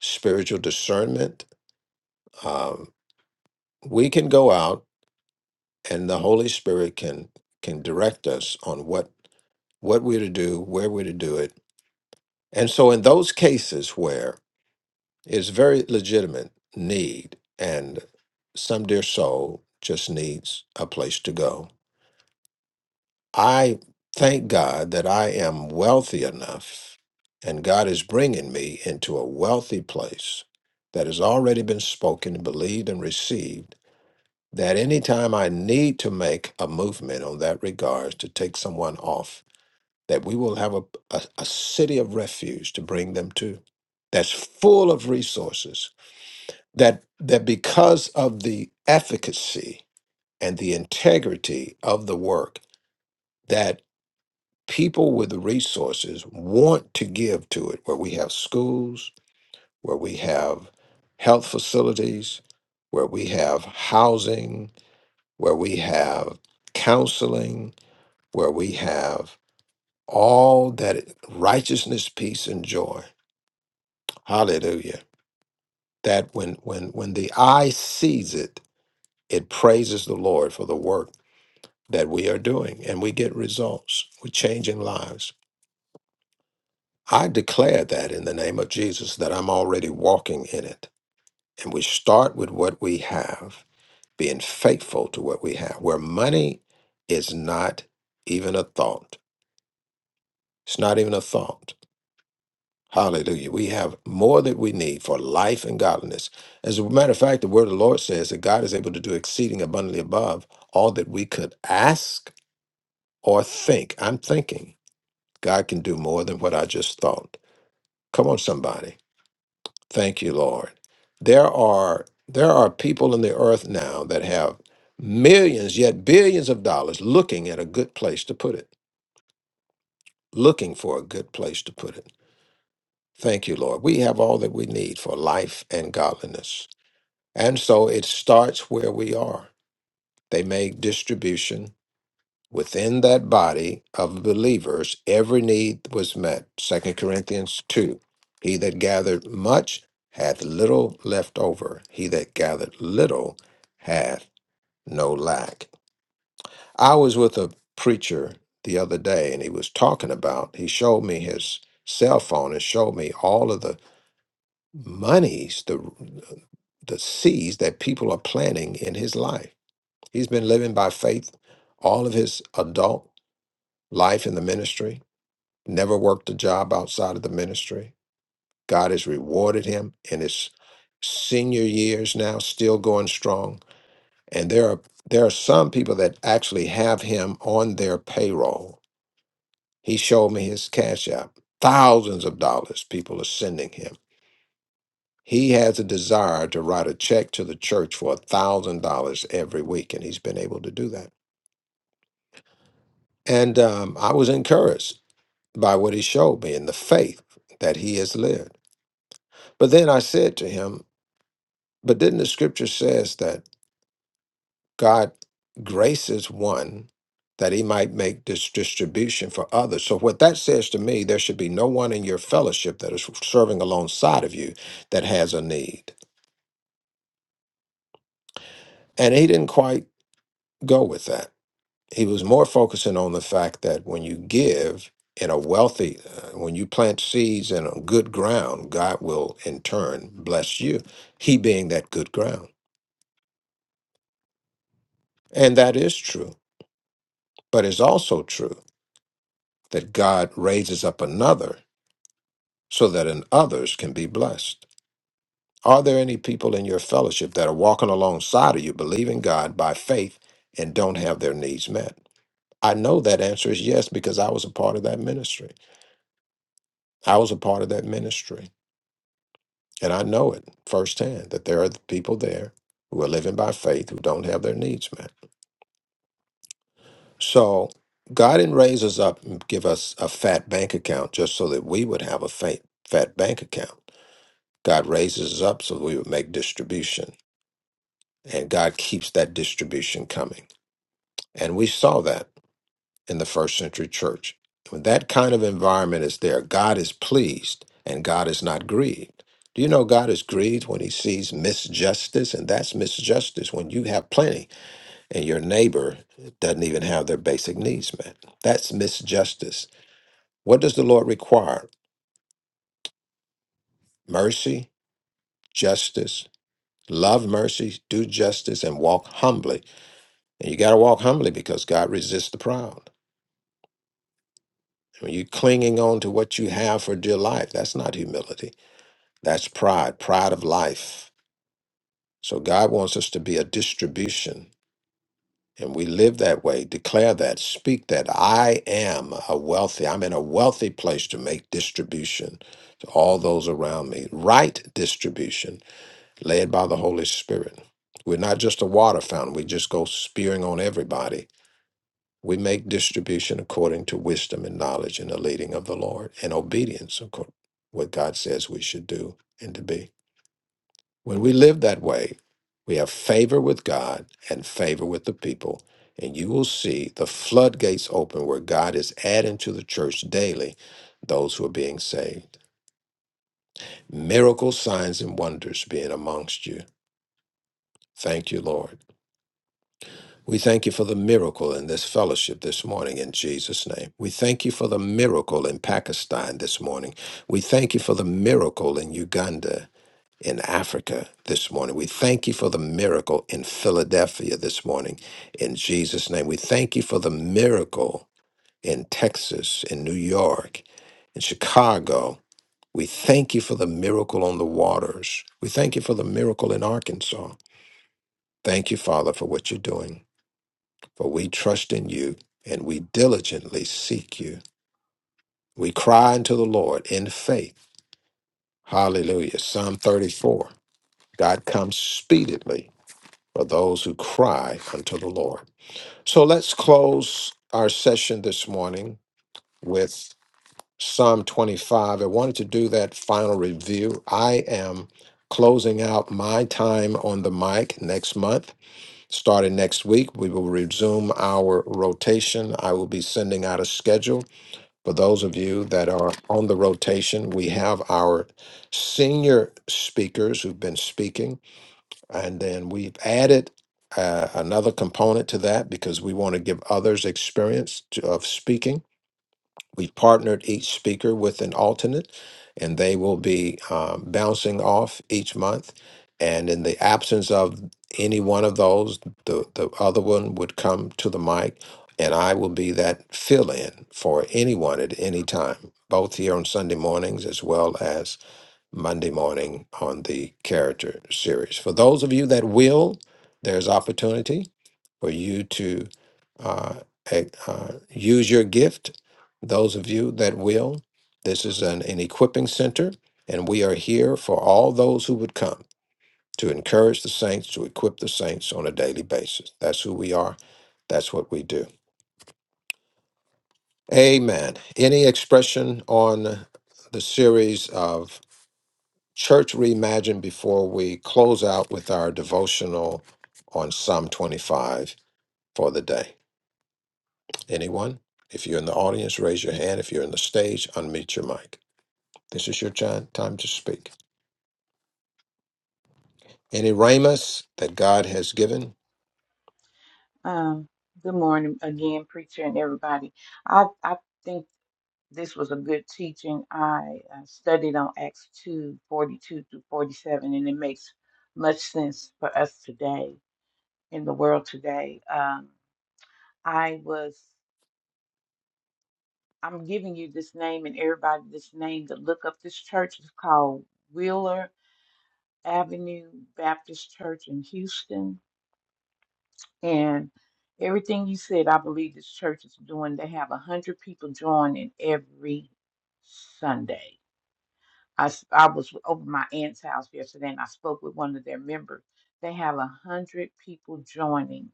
spiritual discernment Um, we can go out, and the Holy Spirit can can direct us on what what we're to do, where we're to do it. And so, in those cases where it's very legitimate need, and some dear soul just needs a place to go, I thank God that I am wealthy enough, and God is bringing me into a wealthy place that has already been spoken, believed, and received that anytime I need to make a movement on that regards to take someone off, that we will have a, a, a city of refuge to bring them to that's full of resources. That that because of the efficacy and the integrity of the work, that people with resources want to give to it, where we have schools, where we have health facilities, where we have housing, where we have counseling, where we have all that righteousness, peace, and joy. Hallelujah. That when when when the eye sees it, it praises the Lord for the work that we are doing and we get results. We're changing lives. I declare that in the name of Jesus that I'm already walking in it. And we start with what we have, being faithful to what we have, where money is not even a thought. It's not even a thought Hallelujah. We have more that we need for life and godliness. As a matter of fact, the word of the Lord says that God is able to do exceeding abundantly above all that we could ask or think. I'm thinking God can do more than what I just thought. Come on, somebody. Thank you, Lord. There are there are people in the earth now that have millions, yet billions of dollars looking at a good place to put it, looking for a good place to put it. Thank you, Lord. We have all that we need for life and godliness. And so it starts where we are. They make distribution within that body of believers. Every need was met. Second Corinthians 2. He that gathered much hath little left over. He that gathered little hath no lack. I was with a preacher the other day and he was talking about, he showed me his cell phone and showed me all of the monies, the the seeds that people are planting in his life He's been living by faith all of his adult life in the ministry, never worked a job outside of the ministry. God has rewarded him in his senior years now, still going strong. And there are there are some people that actually have him on their payroll. He showed me his cash app. Thousands of dollars people are sending him. He has a desire to write a check to the church for a thousand dollars every week, and he's been able to do that. And um, I was encouraged by what he showed me and the faith that he has lived. But then I said to him, But didn't the scripture says that God graces one that he might make this distribution for others? So what that says to me, there should be no one in your fellowship that is serving alongside of you that has a need. And he didn't quite go with that. he was more focusing on the fact that when you give in a wealthy uh, when you plant seeds in a good ground god will in turn bless you he being that good ground and that is true but it's also true that god raises up another so that in others can be blessed are there any people in your fellowship that are walking alongside of you believing god by faith and don't have their needs met i know that answer is yes because i was a part of that ministry i was a part of that ministry And I know it firsthand that there are people there who are living by faith who don't have their needs met. So God didn't raise us up and give us a fat bank account just so that we would have a fat, fat bank account. God raises us up so we would make distribution, and God keeps that distribution coming. And we saw that. in the first century church. When that kind of environment is there, God is pleased and God is not grieved. Do you know God is grieved when he sees misjustice? And that's misjustice when you have plenty and your neighbor doesn't even have their basic needs met. That's misjustice. What does the Lord require? Mercy, justice, love mercy, do justice, and walk humbly. And you got to walk humbly because God resists the proud. When you're clinging on to what you have for dear life, that's not humility. That's pride, pride of life. So God wants us to be a distribution. And we live that way, declare that, speak that. I am a wealthy, I'm in a wealthy place to make distribution to all those around me. Right distribution, led by the Holy Spirit. We're not just a water fountain, we just go spearing on everybody. We make distribution according to wisdom and knowledge and the leading of the Lord and obedience, of course, what God says we should do and to be. When we live that way, we have favor with God and favor with the people. And you will see the floodgates open where God is adding to the church daily those who are being saved. Miracle signs and wonders being amongst you. Thank you, Lord. We thank you for the miracle in this fellowship this morning in Jesus' name. We thank you for the miracle in Pakistan this morning. We thank you for the miracle in Uganda. in Africa this morning. We thank you for the miracle in Philadelphia this morning. In Jesus' name, we thank you for the miracle in Texas, in New York, in Chicago. We thank you for the miracle on the waters. We thank you for the miracle in Arkansas. Thank you, Father, for what you're doing. For we trust in you and we diligently seek you. We cry unto the Lord in faith. Hallelujah. Psalm 34 God comes speedily for those who cry unto the Lord. So let's close our session this morning with Psalm 25. I wanted to do that final review. I am closing out my time on the mic next month. Starting next week, we will resume our rotation. I will be sending out a schedule. For those of you that are on the rotation, we have our senior speakers who've been speaking. And then we've added uh, another component to that because we want to give others experience to, of speaking. We partnered each speaker with an alternate, and they will be um, bouncing off each month. And in the absence of any one of those, the, the other one would come to the mic, and I will be that fill in for anyone at any time, both here on Sunday mornings as well as Monday morning on the character series. For those of you that will, there's opportunity for you to uh, e- uh, use your gift. Those of you that will, this is an, an equipping center, and we are here for all those who would come to encourage the saints, to equip the saints on a daily basis. That's who we are, that's what we do. Amen. Any expression on the series of Church Reimagined before we close out with our devotional on Psalm 25 for the day. Anyone? If you're in the audience, raise your hand. If you're in the stage, unmute your mic. This is your time, time to speak. Any ramus that God has given?
Um, good morning again, preacher and everybody. I I think this was a good teaching. I uh, studied on Acts two forty two through forty seven, and it makes much sense for us today in the world today. Um, I was. I'm giving you this name and everybody this name to look up. This church is called Wheeler Avenue Baptist Church in Houston. And everything you said, I believe this church is doing. They have a hundred people joining every Sunday. I, s- I was over at my aunt's house yesterday and I spoke with one of their members. They have a hundred people joining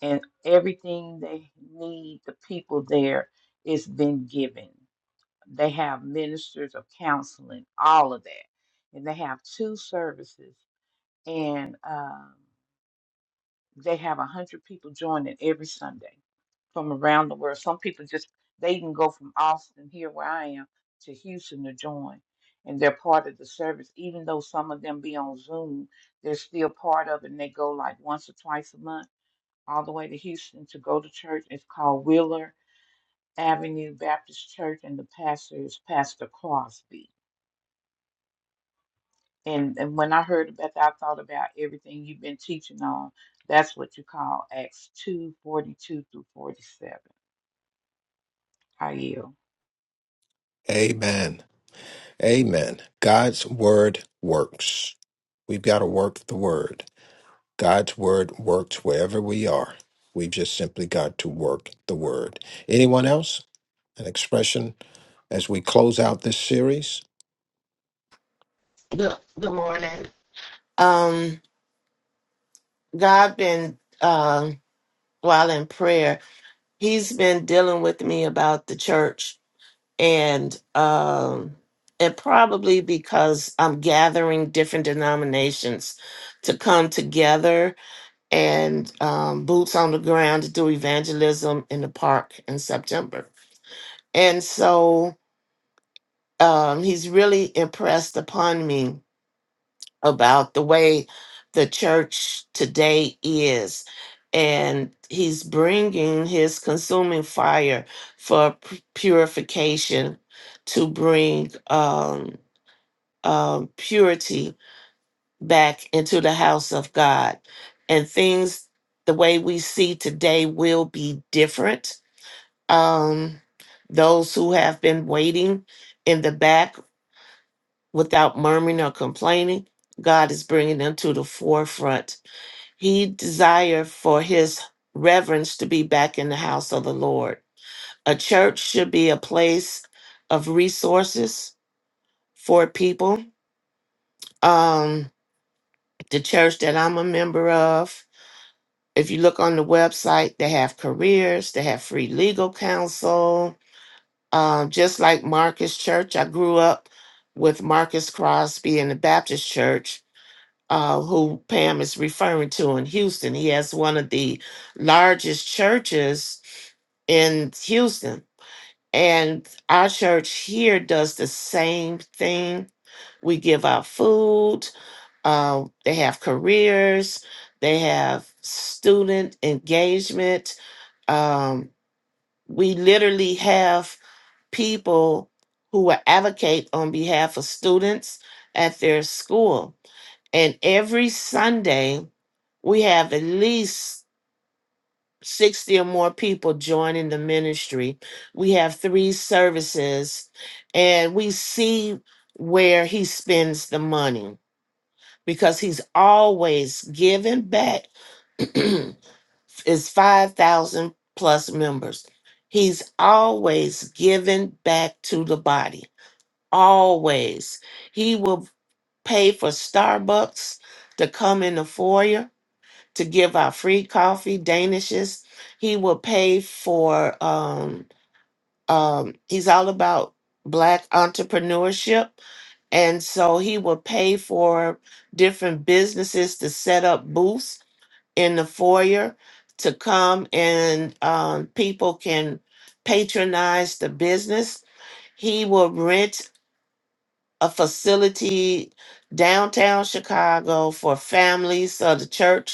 and everything they need, the people there is been given. They have ministers of counseling, all of that. And they have two services. And um, they have a 100 people joining every Sunday from around the world. Some people just, they even go from Austin, here where I am, to Houston to join. And they're part of the service. Even though some of them be on Zoom, they're still part of it. And they go like once or twice a month all the way to Houston to go to church. It's called Wheeler Avenue Baptist Church, and the pastor is Pastor Crosby. And and when I heard about that, I thought about everything you've been teaching on. That's what you call Acts two forty two through forty seven. I yield.
Amen. Amen. God's word works. We've got to work the word. God's word works wherever we are. We've just simply got to work the word. Anyone else? An expression as we close out this series.
Good, good morning. Um, God been um while in prayer, He's been dealing with me about the church, and um, and probably because I'm gathering different denominations to come together and um, boots on the ground to do evangelism in the park in September, and so um, He's really impressed upon me about the way the church today is. And he's bringing his consuming fire for p- purification to bring um, um, purity back into the house of God. And things the way we see today will be different. Um, those who have been waiting in the back without murmuring or complaining, God is bringing them to the forefront he desired for his reverence to be back in the house of the Lord. A church should be a place of resources for people. Um, the church that I'm a member of, if you look on the website, they have careers, they have free legal counsel. Um, just like Marcus Church, I grew up with Marcus Crosby in the Baptist Church uh, who Pam is referring to in Houston. He has one of the largest churches in Houston. And our church here does the same thing. We give out food, uh, they have careers, they have student engagement. Um, we literally have people who will advocate on behalf of students at their school. And every Sunday, we have at least 60 or more people joining the ministry. We have three services, and we see where he spends the money because he's always giving back his 5,000 plus members. He's always giving back to the body. Always. He will pay for Starbucks to come in the foyer to give out free coffee, danishes. He will pay for um um he's all about black entrepreneurship and so he will pay for different businesses to set up booths in the foyer to come and um people can patronize the business. He will rent a facility downtown Chicago for families of the church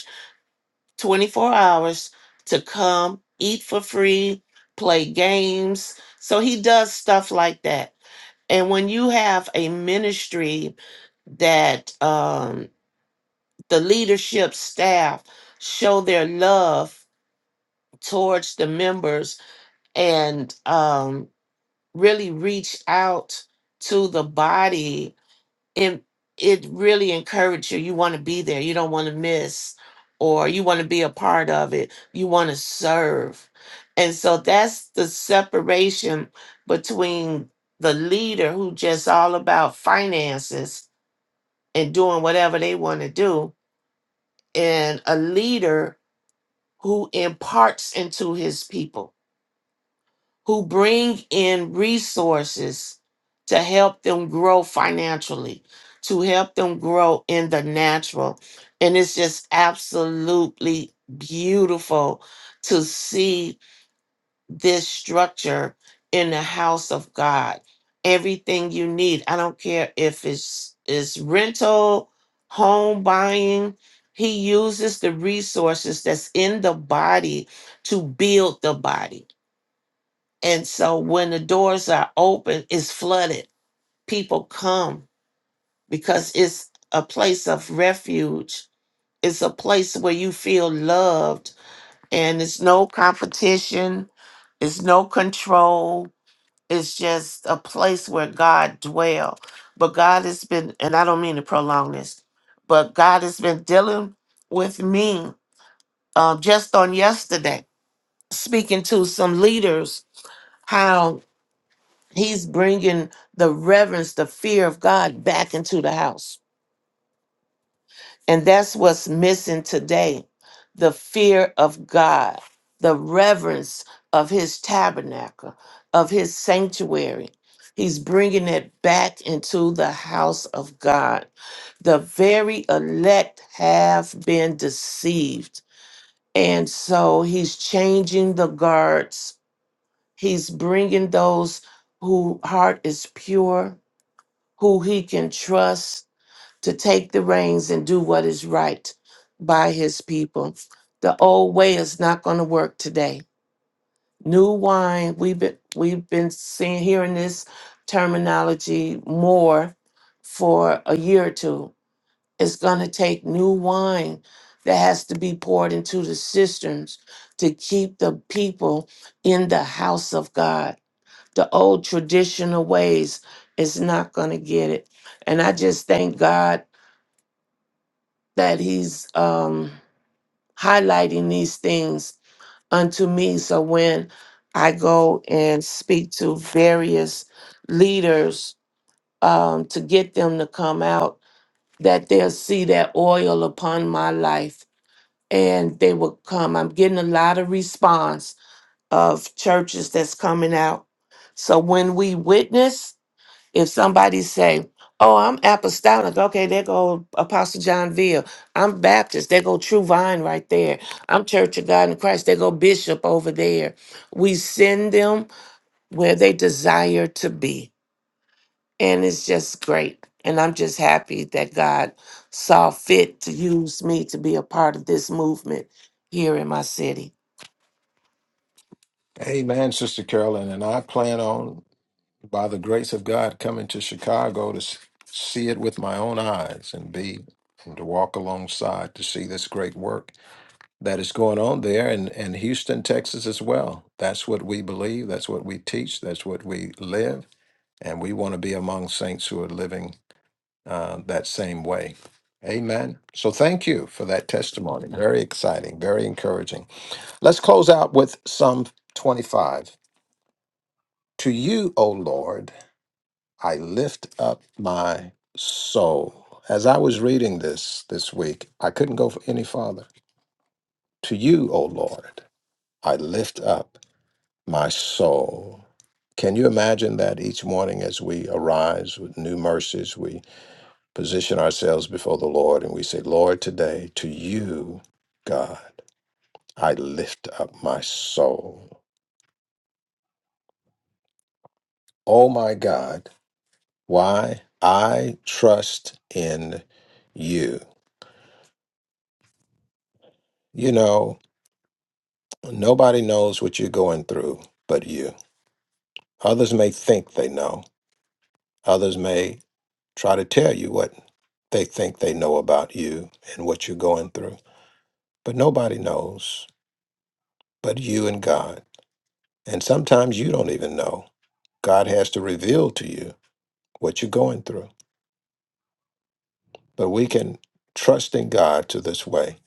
24 hours to come eat for free, play games. So he does stuff like that. And when you have a ministry that um, the leadership staff show their love towards the members and um, really reach out to the body it it really encourages you you want to be there you don't want to miss or you want to be a part of it you want to serve and so that's the separation between the leader who just all about finances and doing whatever they want to do and a leader who imparts into his people who bring in resources to help them grow financially, to help them grow in the natural. And it's just absolutely beautiful to see this structure in the house of God. Everything you need. I don't care if it's it's rental, home buying. He uses the resources that's in the body to build the body and so when the doors are open, it's flooded. People come because it's a place of refuge. It's a place where you feel loved and it's no competition, it's no control. It's just a place where God dwell. But God has been, and I don't mean to prolong this, but God has been dealing with me um, just on yesterday, speaking to some leaders, how. He's bringing the reverence, the fear of God back into the house. And that's what's missing today the fear of God, the reverence of his tabernacle, of his sanctuary. He's bringing it back into the house of God. The very elect have been deceived. And so he's changing the guards. He's bringing those whose heart is pure who he can trust to take the reins and do what is right by his people. The old way is not going to work today. New wine, we've been we've been seeing hearing this terminology more for a year or two. It's going to take new wine that has to be poured into the cisterns to keep the people in the house of God the old traditional ways is not going to get it and i just thank god that he's um highlighting these things unto me so when i go and speak to various leaders um to get them to come out that they'll see that oil upon my life and they will come i'm getting a lot of response of churches that's coming out so when we witness if somebody say, "Oh, I'm apostolic," okay, there go Apostle John Veal. I'm Baptist. There go True Vine right there. I'm Church of God in Christ. There go Bishop over there. We send them where they desire to be, and it's just great. And I'm just happy that God saw fit to use me to be a part of this movement here in my city.
Amen, Sister Carolyn. And I plan on, by the grace of God, coming to Chicago to s- see it with my own eyes and be and to walk alongside to see this great work that is going on there and, and Houston, Texas as well. That's what we believe, that's what we teach, that's what we live, and we want to be among saints who are living uh, that same way. Amen. So thank you for that testimony. Very exciting, very encouraging. Let's close out with Psalm 25. To you, O Lord, I lift up my soul. As I was reading this this week, I couldn't go for any farther. To you, O Lord, I lift up my soul. Can you imagine that each morning as we arise with new mercies, we position ourselves before the Lord and we say, Lord, today, to you, God, I lift up my soul. Oh my God. Why? I trust in you. You know, nobody knows what you're going through but you. Others may think they know, others may try to tell you what they think they know about you and what you're going through, but nobody knows but you and God. And sometimes you don't even know. God has to reveal to you what you're going through. But we can trust in God to this way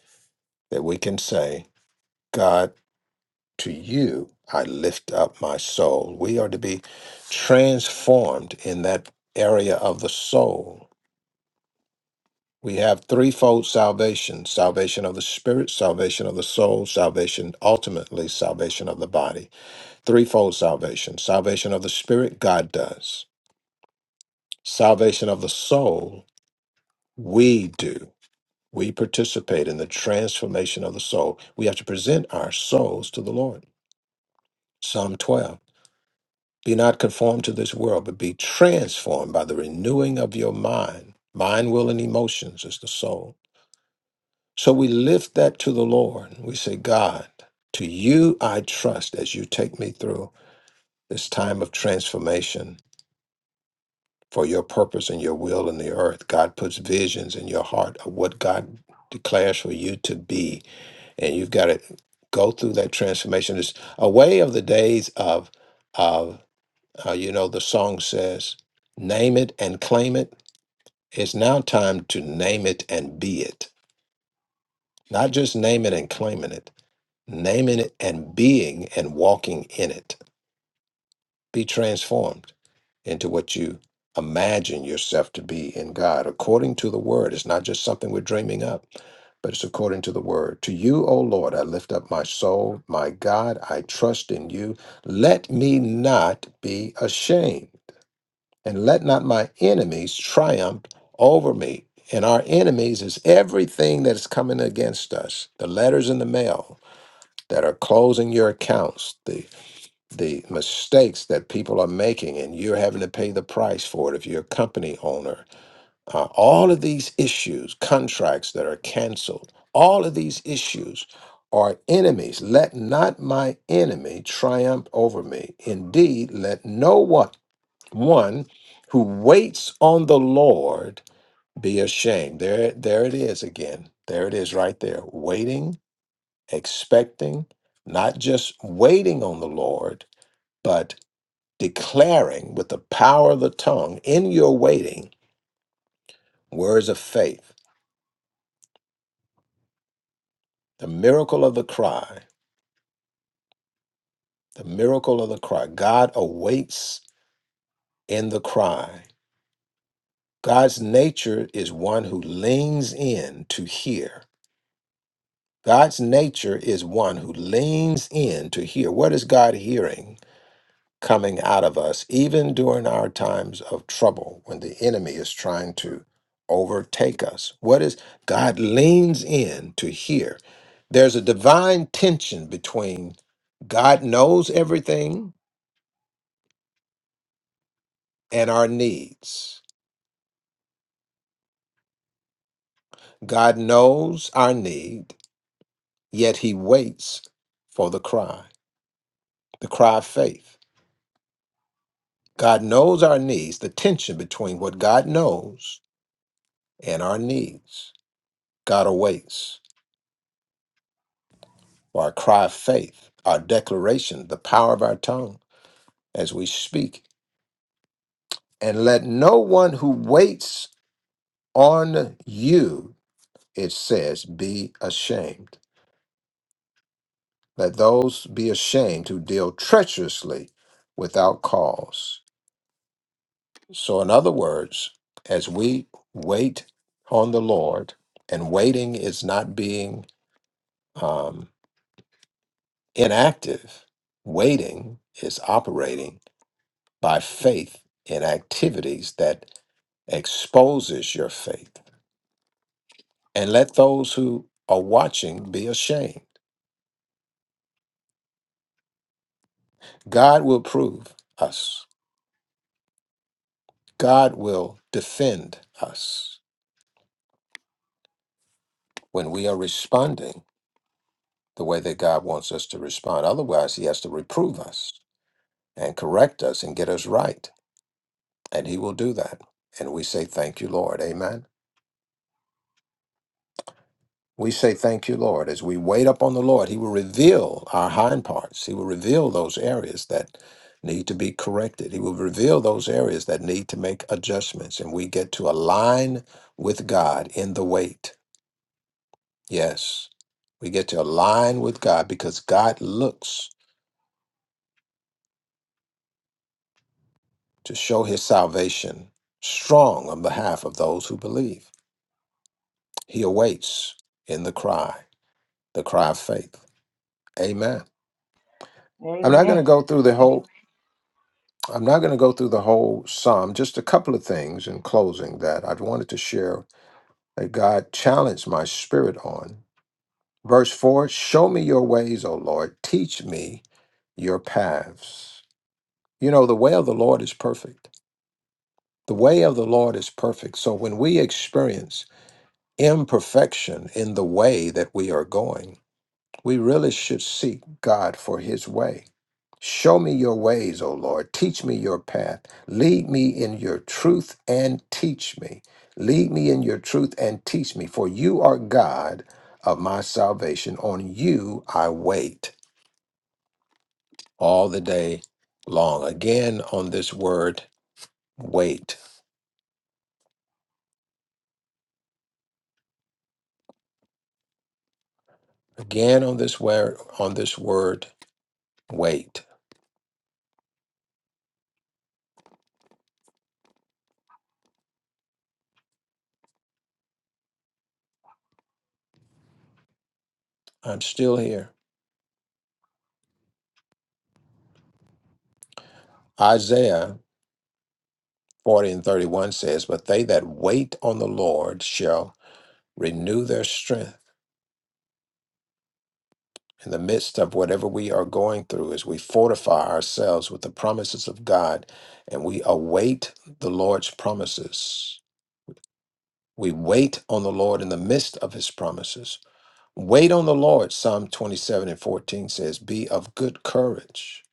that we can say, God, To you I lift up my soul. We are to be transformed in that area of the soul. We have threefold salvation salvation of the spirit, salvation of the soul, salvation, ultimately, salvation of the body. Threefold salvation. Salvation of the spirit, God does. Salvation of the soul, we do. We participate in the transformation of the soul. We have to present our souls to the Lord. Psalm 12. Be not conformed to this world, but be transformed by the renewing of your mind. Mind, will, and emotions is the soul. So we lift that to the Lord. We say, God, to you I trust as you take me through this time of transformation for your purpose and your will in the earth. God puts visions in your heart of what God declares for you to be. And you've got to go through that transformation. It's a way of the days of of Uh, you know, the song says, Name it and claim it. It's now time to name it and be it. Not just name it and claiming it, naming it and being and walking in it. Be transformed into what you imagine yourself to be in God according to the word. It's not just something we're dreaming up, but it's according to the word. To you, O Lord, I lift up my soul. My God, I trust in you. Let me not be ashamed. and let not my enemies triumph over me. And our enemies is everything that is coming against us. The letters in the mail that are closing your accounts, the the mistakes that people are making, and you're having to pay the price for it if you're a company owner. Uh, all of these issues, contracts that are canceled, all of these issues are enemies. Let not my enemy triumph over me. Indeed, let no one one who waits on the Lord be ashamed. There, there it is again. There it is right there. Waiting, expecting, not just waiting on the Lord, but declaring with the power of the tongue in your waiting words of faith, the miracle of the cry, the miracle of the cry. God awaits in the cry. God's nature is one who leans in to hear God's nature is one who leans in to hear. What is God hearing coming out of us, even during our times of trouble when the enemy is trying to overtake us? What is God leans in to hear? There's a divine tension between God knows everything and our needs. God knows our need, yet he waits for the cry, the cry of faith. God knows our needs, the tension between what God knows and our needs. God awaits for our cry of faith, our declaration, the power of our tongue as we speak. And let no one who waits on you, it says, be ashamed. Let those be ashamed who deal treacherously without cause. So, in other words, as we wait on the Lord, and waiting is not being um, Inactive waiting is operating by faith in activities that exposes your faith. And let those who are watching be ashamed. God will prove us. God will defend us when we are responding the way that God wants us to respond. Otherwise, he has to reprove us and correct us and get us right. And he will do that. And we say, Thank you, Lord. Amen. We say, Thank you, Lord. As we wait upon the Lord, He will reveal our hind parts. He will reveal those areas that need to be corrected. He will reveal those areas that need to make adjustments. And we get to align with God in the wait. Yes, we get to align with God because God looks to show His salvation strong on behalf of those who believe. He awaits in the cry, the cry of faith. Amen. I'm not going to go
Amen.
through the whole I'm not going to go through the whole psalm, just a couple of things in closing that I wanted to share that God challenged my spirit on. Verse 4 Show me your ways, O Lord, teach me your paths. You know, the way of the Lord is perfect. The way of the Lord is perfect. So when we experience imperfection in the way that we are going, We really should seek God for his way. Show me your ways, O Lord. Teach me your path. Lead me in your truth and teach me. Lead me in your truth and teach me, for you are God of my salvation. On you I wait all the day long. Again on this word, wait. Again on this word, on this word, wait. I'm still here. Isaiah 40 and 31 says, But they that wait on the Lord shall renew their strength. In the midst of whatever we are going through, as we fortify ourselves with the promises of God and we await the Lord's promises, we wait on the Lord in the midst of his promises. Wait on the Lord, Psalm 27 and 14 says, Be of good courage.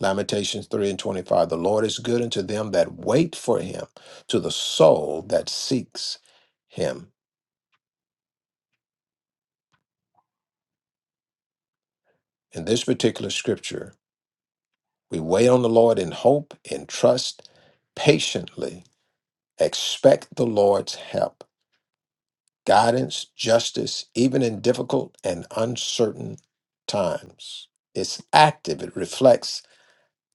Lamentations 3 and 25, The Lord is good unto them that wait for him, to the soul that seeks him. In this particular scripture, we wait on the Lord in hope and trust, patiently expect the Lord's help, guidance, justice, even in difficult and uncertain times. It's active, it reflects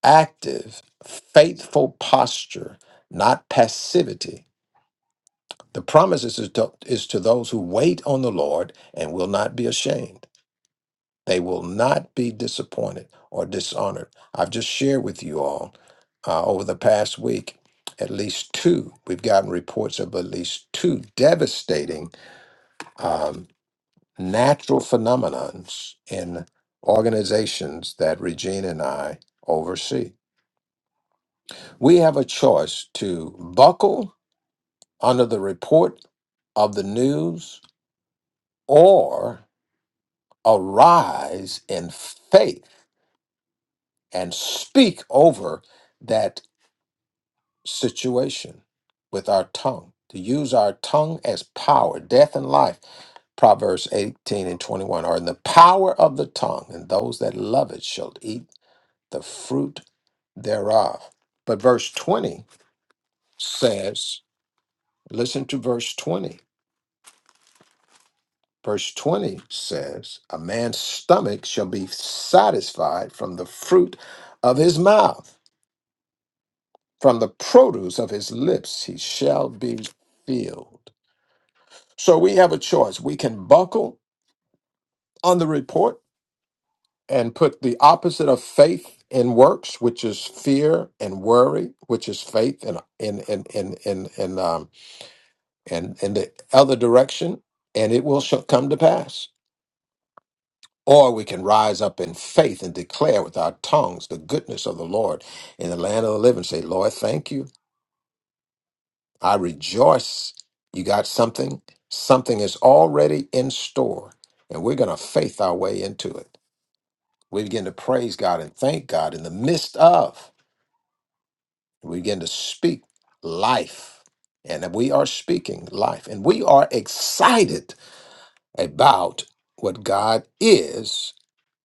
active, faithful posture, not passivity. The promise is to, is to those who wait on the Lord and will not be ashamed. They will not be disappointed or dishonored. I've just shared with you all uh, over the past week at least two. We've gotten reports of at least two devastating um, natural phenomenons in organizations that Regina and I oversee. We have a choice to buckle under the report of the news or arise in faith and speak over that situation with our tongue, to use our tongue as power, death and life. Proverbs 18 and 21 are in the power of the tongue, and those that love it shall eat the fruit thereof. But verse 20 says, listen to verse 20. Verse 20 says, A man's stomach shall be satisfied from the fruit of his mouth, from the produce of his lips he shall be filled. So we have a choice. We can buckle on the report and put the opposite of faith in works, which is fear and worry, which is faith in in in in in in, um, in, in the other direction, and it will sh- come to pass. Or we can rise up in faith and declare with our tongues the goodness of the Lord in the land of the living. Say, Lord, thank you. I rejoice. You got something. Something is already in store, and we're going to faith our way into it. We begin to praise God and thank God in the midst of. We begin to speak life. And we are speaking life. And we are excited about what God is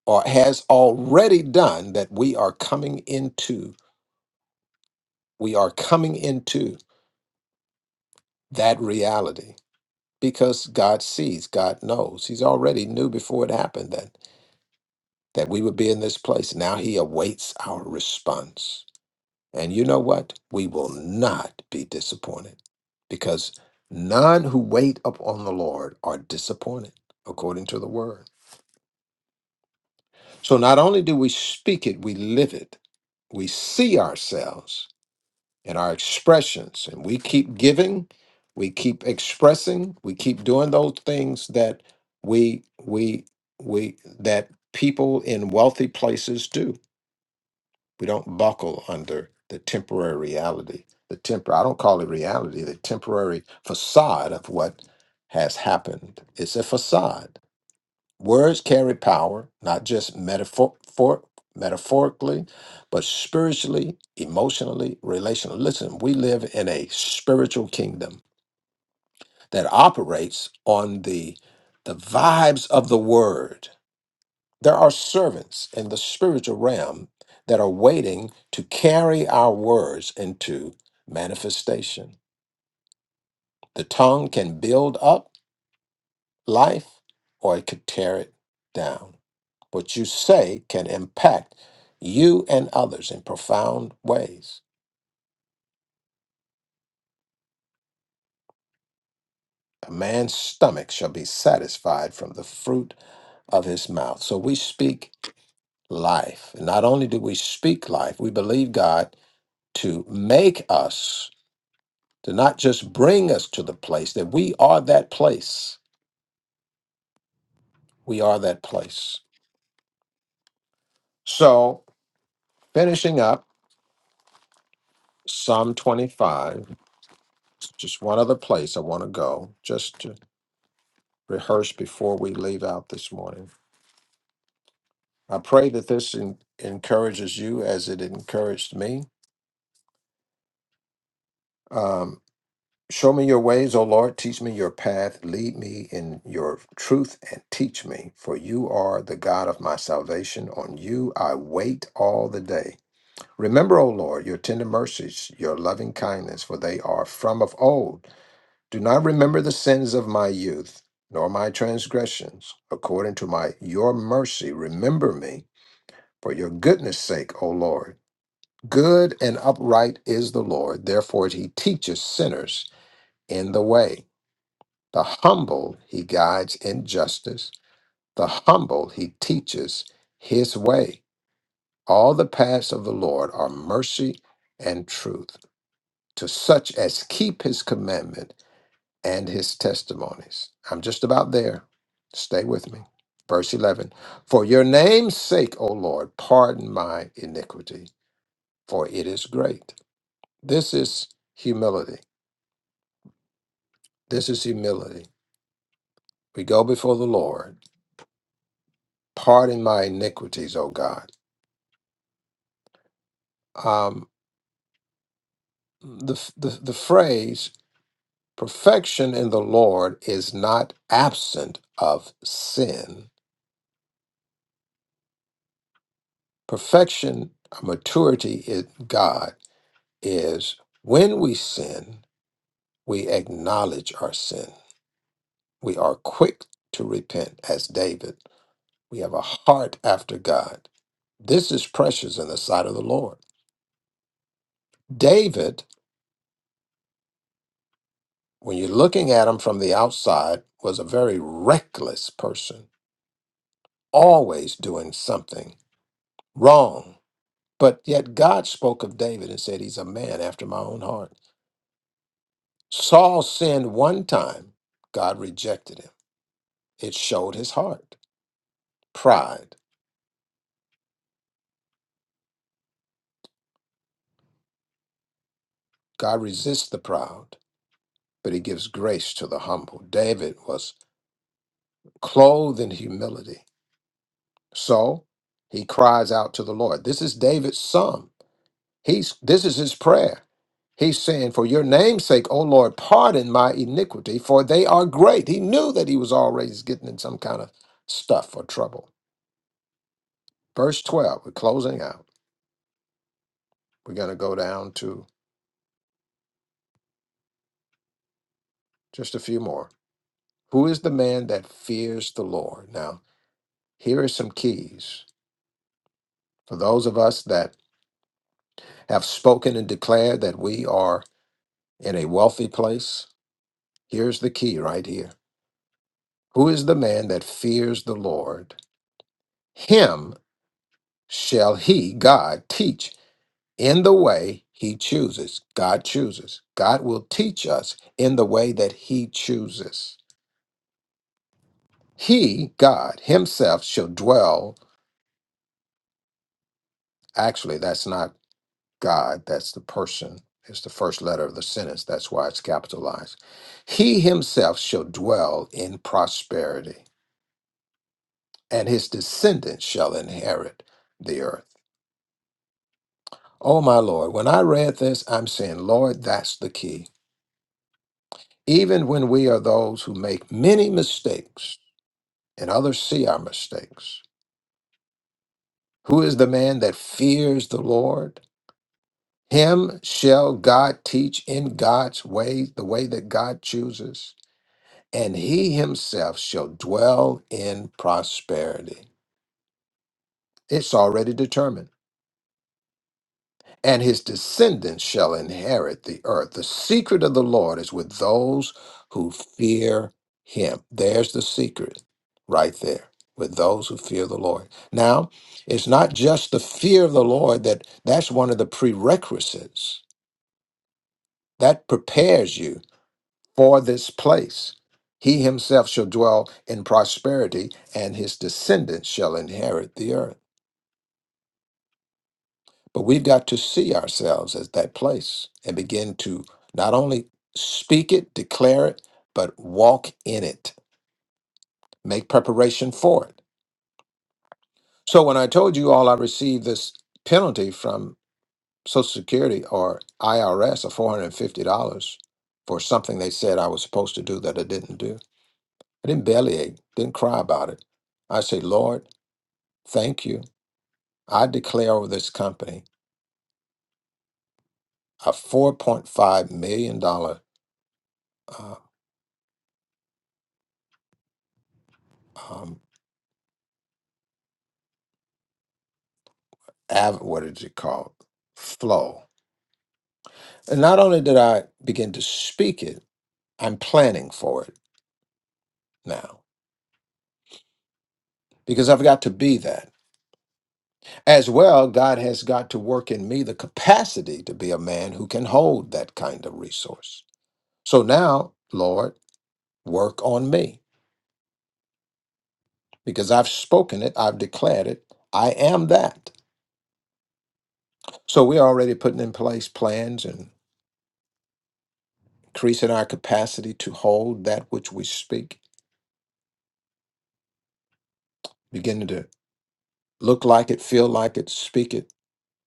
or has already done that we are coming into. We are coming into that reality because God sees, God knows. He's already knew before it happened that, that we would be in this place. Now he awaits our response. And you know what? We will not be disappointed because none who wait upon the Lord are disappointed, according to the word. So not only do we speak it, we live it. We see ourselves in our expressions, and we keep giving, we keep expressing, we keep doing those things that we, we, we, that people in wealthy places do. We don't buckle under the temporary reality, the temper I don't call it reality, the temporary facade of what has happened. It's a facade. Words carry power, not just metaphor for, metaphorically, but spiritually, emotionally, relationally. Listen, we live in a spiritual kingdom that operates on the the vibes of the word there are servants in the spiritual realm that are waiting to carry our words into manifestation. The tongue can build up life or it could tear it down. What you say can impact you and others in profound ways. A man's stomach shall be satisfied from the fruit of his mouth. So we speak life. And not only do we speak life, we believe God to make us to not just bring us to the place that we are that place. We are that place. So, finishing up Psalm 25, just one other place I want to go, just to rehearse before we leave out this morning. I pray that this en- encourages you as it encouraged me. Um, Show me your ways, O Lord. Teach me your path. Lead me in your truth and teach me, for you are the God of my salvation. On you I wait all the day. Remember, O Lord, your tender mercies, your loving kindness, for they are from of old. Do not remember the sins of my youth, nor my transgressions. According to my your mercy, remember me for your goodness' sake, O Lord. Good and upright is the Lord, therefore he teaches sinners in the way. The humble he guides in justice, the humble he teaches his way. All the paths of the Lord are mercy and truth to such as keep his commandment and his testimonies. I'm just about there. Stay with me. Verse 11 For your name's sake, O Lord, pardon my iniquity, for it is great. This is humility. This is humility. We go before the Lord. Pardon my iniquities, O God. Um, the, the, the phrase perfection in the Lord is not absent of sin Perfection, uh, maturity in God is when we sin, we acknowledge our sin. We are quick to repent, as David. We have a heart after God. This is precious in the sight of the Lord. David, when you're looking at him from the outside, was a very reckless person, always doing something wrong. But yet God spoke of David and said, He's a man after my own heart. Saul sinned one time, God rejected him. It showed his heart. Pride. God resists the proud, but he gives grace to the humble. David was clothed in humility. So he cries out to the Lord. This is David's psalm. He's this is his prayer. He's saying, For your name's sake, O Lord, pardon my iniquity, for they are great. He knew that he was always getting in some kind of stuff or trouble. Verse 12, we're closing out. We're going to go down to Just a few more. Who is the man that fears the Lord? Now, here are some keys for those of us that have spoken and declared that we are in a wealthy place. Here's the key right here. Who is the man that fears the Lord? Him shall he, God, teach in the way he chooses. God chooses. God will teach us in the way that he chooses. He, God, himself shall dwell. Actually, that's not God, that's the person, is the first letter of the sentence. That's why it's capitalized. He himself shall dwell in prosperity, and his descendants shall inherit the earth. Oh, my Lord, when I read this, I'm saying, Lord, that's the key. Even when we are those who make many mistakes and others see our mistakes, who is the man that fears the Lord? Him shall God teach in God's way, the way that God chooses. and he himself shall dwell in prosperity. It's already determined. And his descendants shall inherit the earth. The secret of the Lord is with those who fear him. There's the secret right there with those who fear the Lord. Now, it's not just the fear of the Lord that that's one of the prerequisites that prepares you for this place. He himself shall dwell in prosperity, and his descendants shall inherit the earth. But we've got to see ourselves as that place and begin to not only speak it, declare it, but walk in it, make preparation for it. So when I told you all I received this penalty from Social Security or IRS of $450 for something they said I was supposed to do that I didn't do, I didn't bellyache, didn't cry about it. I say, Lord, Thank you. I declare over this company a $4.5 million, dollar uh, um, av- what is it called? Flow. And not only did I begin to speak it, I'm planning for it now because I've got to be that. As well, God has got to work in me the capacity to be a man who can hold that kind of resource. So now, Lord, work on me because I've spoken it, I've declared it. I am that. So we're already putting in place plans and increasing our capacity to hold that which we speak, beginning to look like it, feel like it, speak it,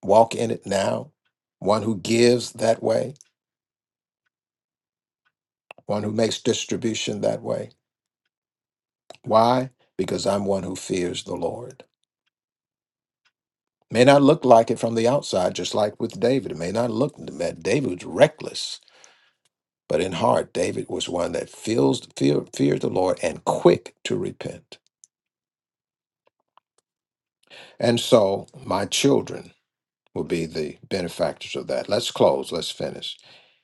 walk in it now. One who gives that way, one who makes distribution that way. Why? Because I'm one who fears the Lord. May not look like it from the outside, just like with David. It may not look that David was reckless, but in heart, David was one that feels fear, feared the Lord and quick to repent. And so, my children, will be the benefactors of that. Let's close. Let's finish.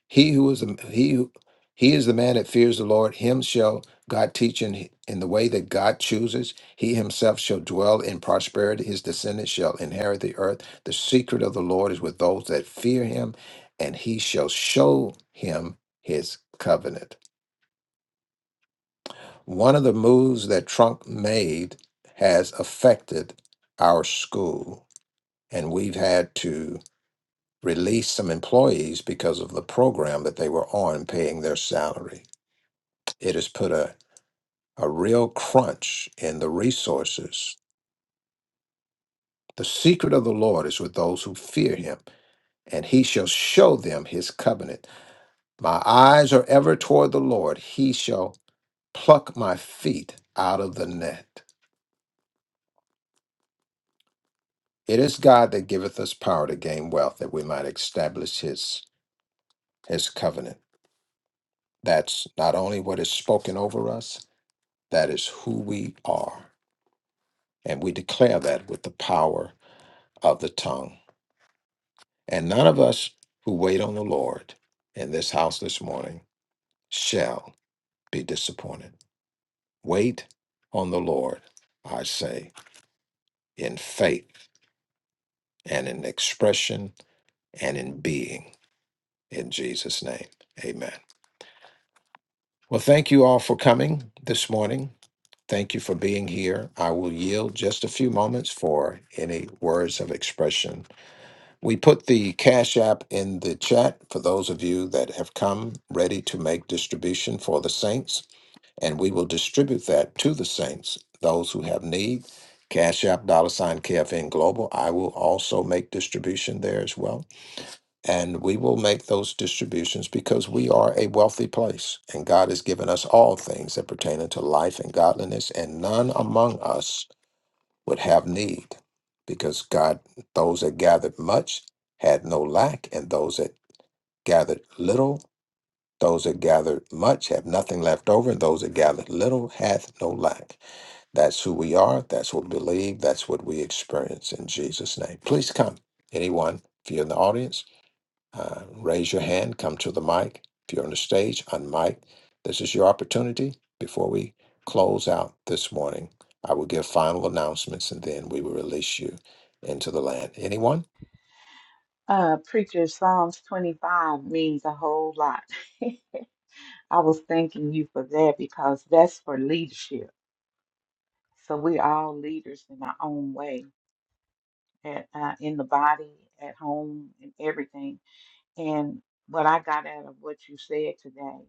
He who is the, he who he is the man that fears the Lord. Him shall God teach in, in the way that God chooses. He himself shall dwell in prosperity. His descendants shall inherit the earth. The secret of the Lord is with those that fear him, and he shall show him his covenant. One of the moves that Trump made has affected our school, and we've had to released some employees because of the program that they were on paying their salary. It has put a, a real crunch in the resources. The secret of the Lord is with those who fear him, and he shall show them his covenant. My eyes are ever toward the Lord, he shall pluck my feet out of the net. It is God that giveth us power to gain wealth that we might establish his his covenant. That's not only what is spoken over us, that is who we are. And we declare that with the power of the tongue. And none of us who wait on the Lord in this house this morning shall be disappointed. Wait on the Lord, I say, in faith and in expression and in being. In Jesus' name, amen. Well, thank you all for coming this morning. Thank you for being here. I will yield just a few moments for any words of expression We put the Cash App in the chat for those of you that have come ready to make distribution for the saints, and we will distribute that to the saints, those who have need. Cash App, dollar sign KFN Global. I will also make distribution there as well. And we will make those distributions because we are a wealthy place, and God has given us all things that pertain unto life and godliness, and none among us would have need because God, those that gathered much had no lack, and those that gathered little, those that gathered much have nothing left over, and those that gathered little hath no lack. That's who we are. That's what we believe. That's what we experience in Jesus' name. Please come, anyone, if you're in the audience uh, raise your hand, come to the mic. If you're on the stage, unmic. This is your opportunity. Before we close out this morning, I will give final announcements and then we will release you into the land. Anyone?
Uh, preacher, Psalms 25 means a whole lot. I was thanking you for that because that's for leadership. So we're all leaders in our own way, at, uh, in the body, at home, and everything. And what I got out of what you said today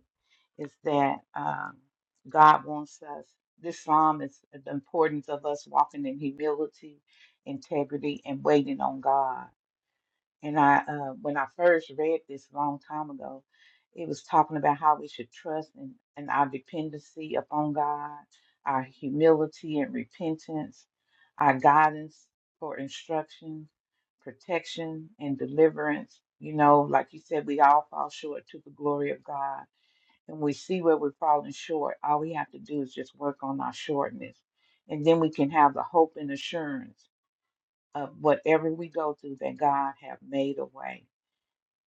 is that um, God wants us, this psalm is the importance of us walking in humility, integrity, and waiting on God. And I, uh, when I first read this a long time ago, it was talking about how we should trust and, and our dependency upon God, our humility and repentance our guidance for instruction, protection, and deliverance. You know, like you said, we all fall short to the glory of God. And we see where we're falling short. All we have to do is just work on our shortness. And then we can have the hope and assurance of whatever we go through that God have made a way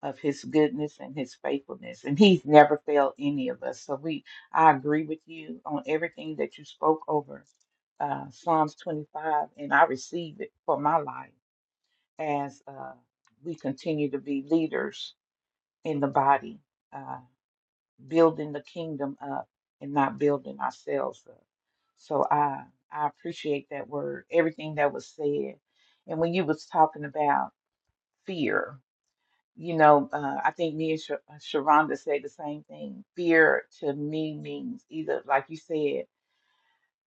of his goodness and his faithfulness. And he's never failed any of us. So we I agree with you on everything that you spoke over uh, Psalms 25, and I receive it for my life as uh, we continue to be leaders in the body, uh, building the kingdom up and not building ourselves up. So I I appreciate that word, everything that was said. And when you was talking about fear, you know, uh, I think me and Sh- uh, Sharonda said the same thing. Fear to me means either, like you said,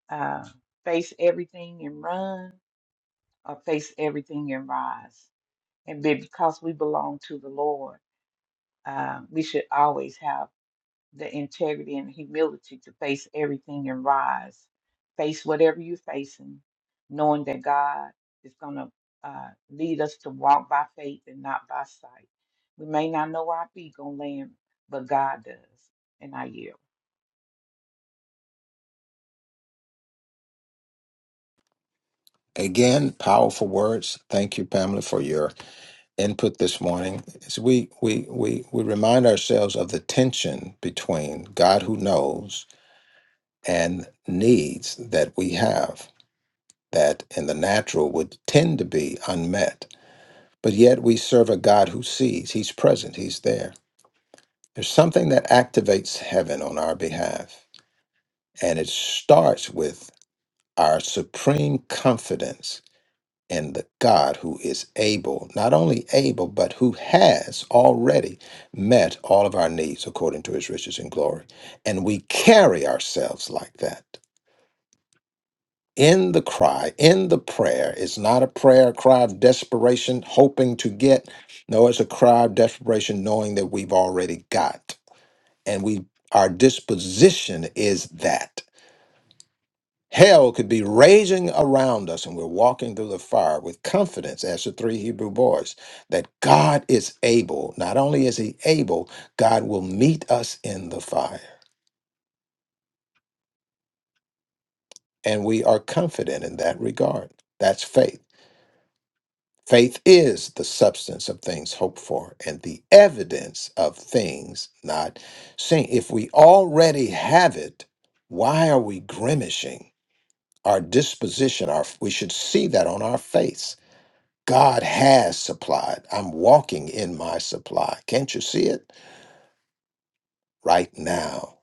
uh, face everything and run, or face everything and rise. And be- because we belong to the Lord, uh, we should always have the integrity and humility to face everything and rise, face whatever you're facing, knowing that God is going to uh, lead us to walk by faith and not by sight. We may not know where our feet going to land, but God does. And I yield.
Again, powerful words. Thank you, Pamela, for your input this morning. As we, we, we, we remind ourselves of the tension between God who knows and needs that we have that in the natural would tend to be unmet But yet we serve a God who sees, He's present, He's there. There's something that activates heaven on our behalf, and it starts with our supreme confidence in the God who is able, not only able, but who has already met all of our needs according to His riches and glory. And we carry ourselves like that. in the cry, in the prayer. It's not a prayer, a cry of desperation, hoping to get. No, it's a cry of desperation, knowing that we've already got. And we our disposition is that. Hell could be raging around us, and we're walking through the fire with confidence as the three Hebrew boys that God is able. Not only is He able, God will meet us in the fire. And we are confident in that regard. That's faith. Faith is the substance of things hoped for and the evidence of things not seen. If we already have it, why are we grimacing? Our disposition, our we should see that on our face. God has supplied. I'm walking in my supply. Can't you see it? Right now.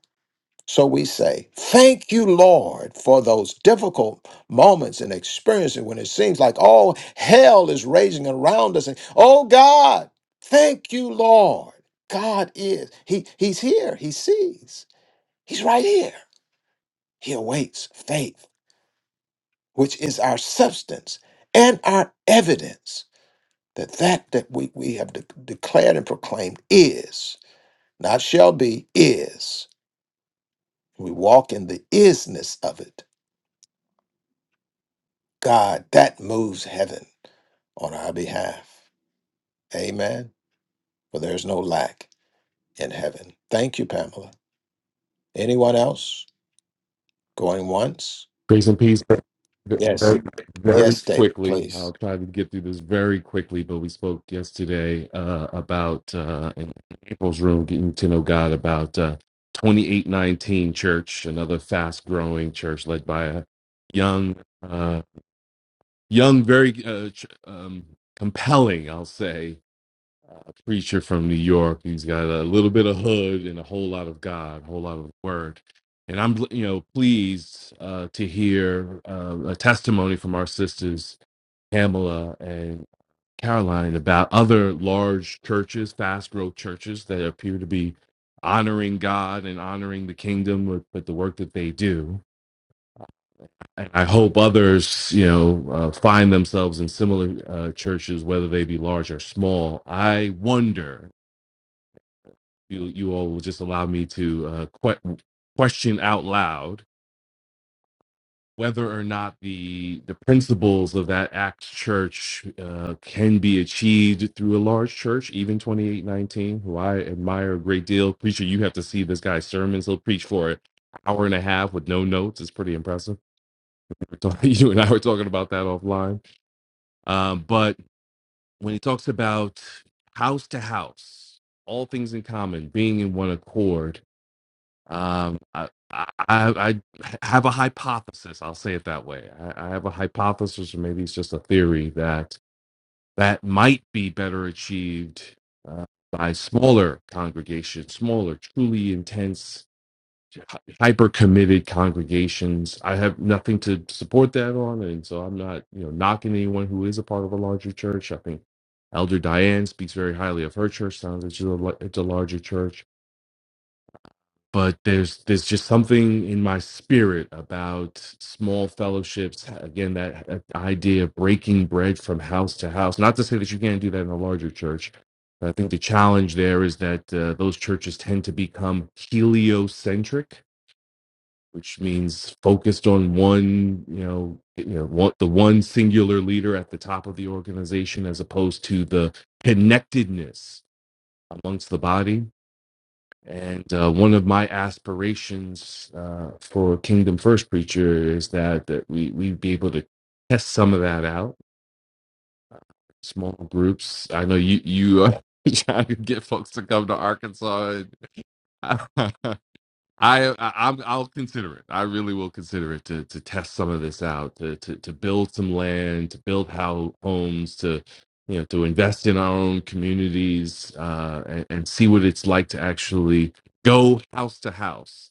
So we say, Thank you, Lord, for those difficult moments and experiences when it seems like all hell is raging around us. And oh God, thank you, Lord. God is. He, he's here. He sees. He's right here. He awaits faith, which is our substance and our evidence that that that we, we have de- declared and proclaimed is, not shall be, is. We walk in the isness of it God, that moves heaven on our behalf. Amen. For there's no lack in heaven. Thank you, Pamela. Anyone else going once?
Grace and peace. Ve-
Yes.
Very,
Yes, David,
quickly,
please.
I'll try to get through this very quickly. But we spoke yesterday uh, about uh, in April's room, getting to know God about uh, twenty eight nineteen church, another fast growing church led by a young, uh, young, very uh, ch- um, compelling, I'll say, preacher from New York. He's got a little bit of hood and a whole lot of God, a whole lot of word. And I'm, you know, pleased uh, to hear uh, a testimony from our sisters Pamela and Caroline about other large churches, fast growth churches that appear to be honoring God and honoring the kingdom with, with the work that they do. And I hope others, you know, uh, find themselves in similar uh, churches, whether they be large or small. I wonder you you all will just allow me to uh, que- question out loud whether or not the the principles of that act church uh, can be achieved through a large church, even twenty eight nineteen, who I admire a great deal. Preacher, you have to see this guy's sermons. He'll preach for an hour and a half with no notes. It's pretty impressive. We're talking- You and I were talking about that offline. Um, but when he talks about house to house, all things in common, being in one accord Um, I, I, I I have a hypothesis. I'll say it that way. I, I have a hypothesis, or maybe it's just a theory that that might be better achieved uh, by smaller congregations, smaller, truly intense, hyper committed congregations. I have nothing to support that on, and so I'm not, you know, knocking anyone who is a part of a larger church. I think Elder Diane speaks very highly of her church. Sounds like she's a, la- it's a larger church but there's there's just something in my spirit about small fellowships again that, that idea of breaking bread from house to house not to say that you can't do that in a larger church but i think the challenge there is that uh, those churches tend to become heliocentric which means focused on one you know you know one, the one singular leader at the top of the organization as opposed to the connectedness amongst the body and uh, one of my aspirations uh, for Kingdom First Preacher is that that we we be able to test some of that out, small groups. I know you you are trying to get folks to come to Arkansas. And I, I I'm, I'll consider it. I really will consider it to to test some of this out, to to to build some land, to build how homes, to you know to invest in our own communities uh, and, and see what it's like to actually go house to house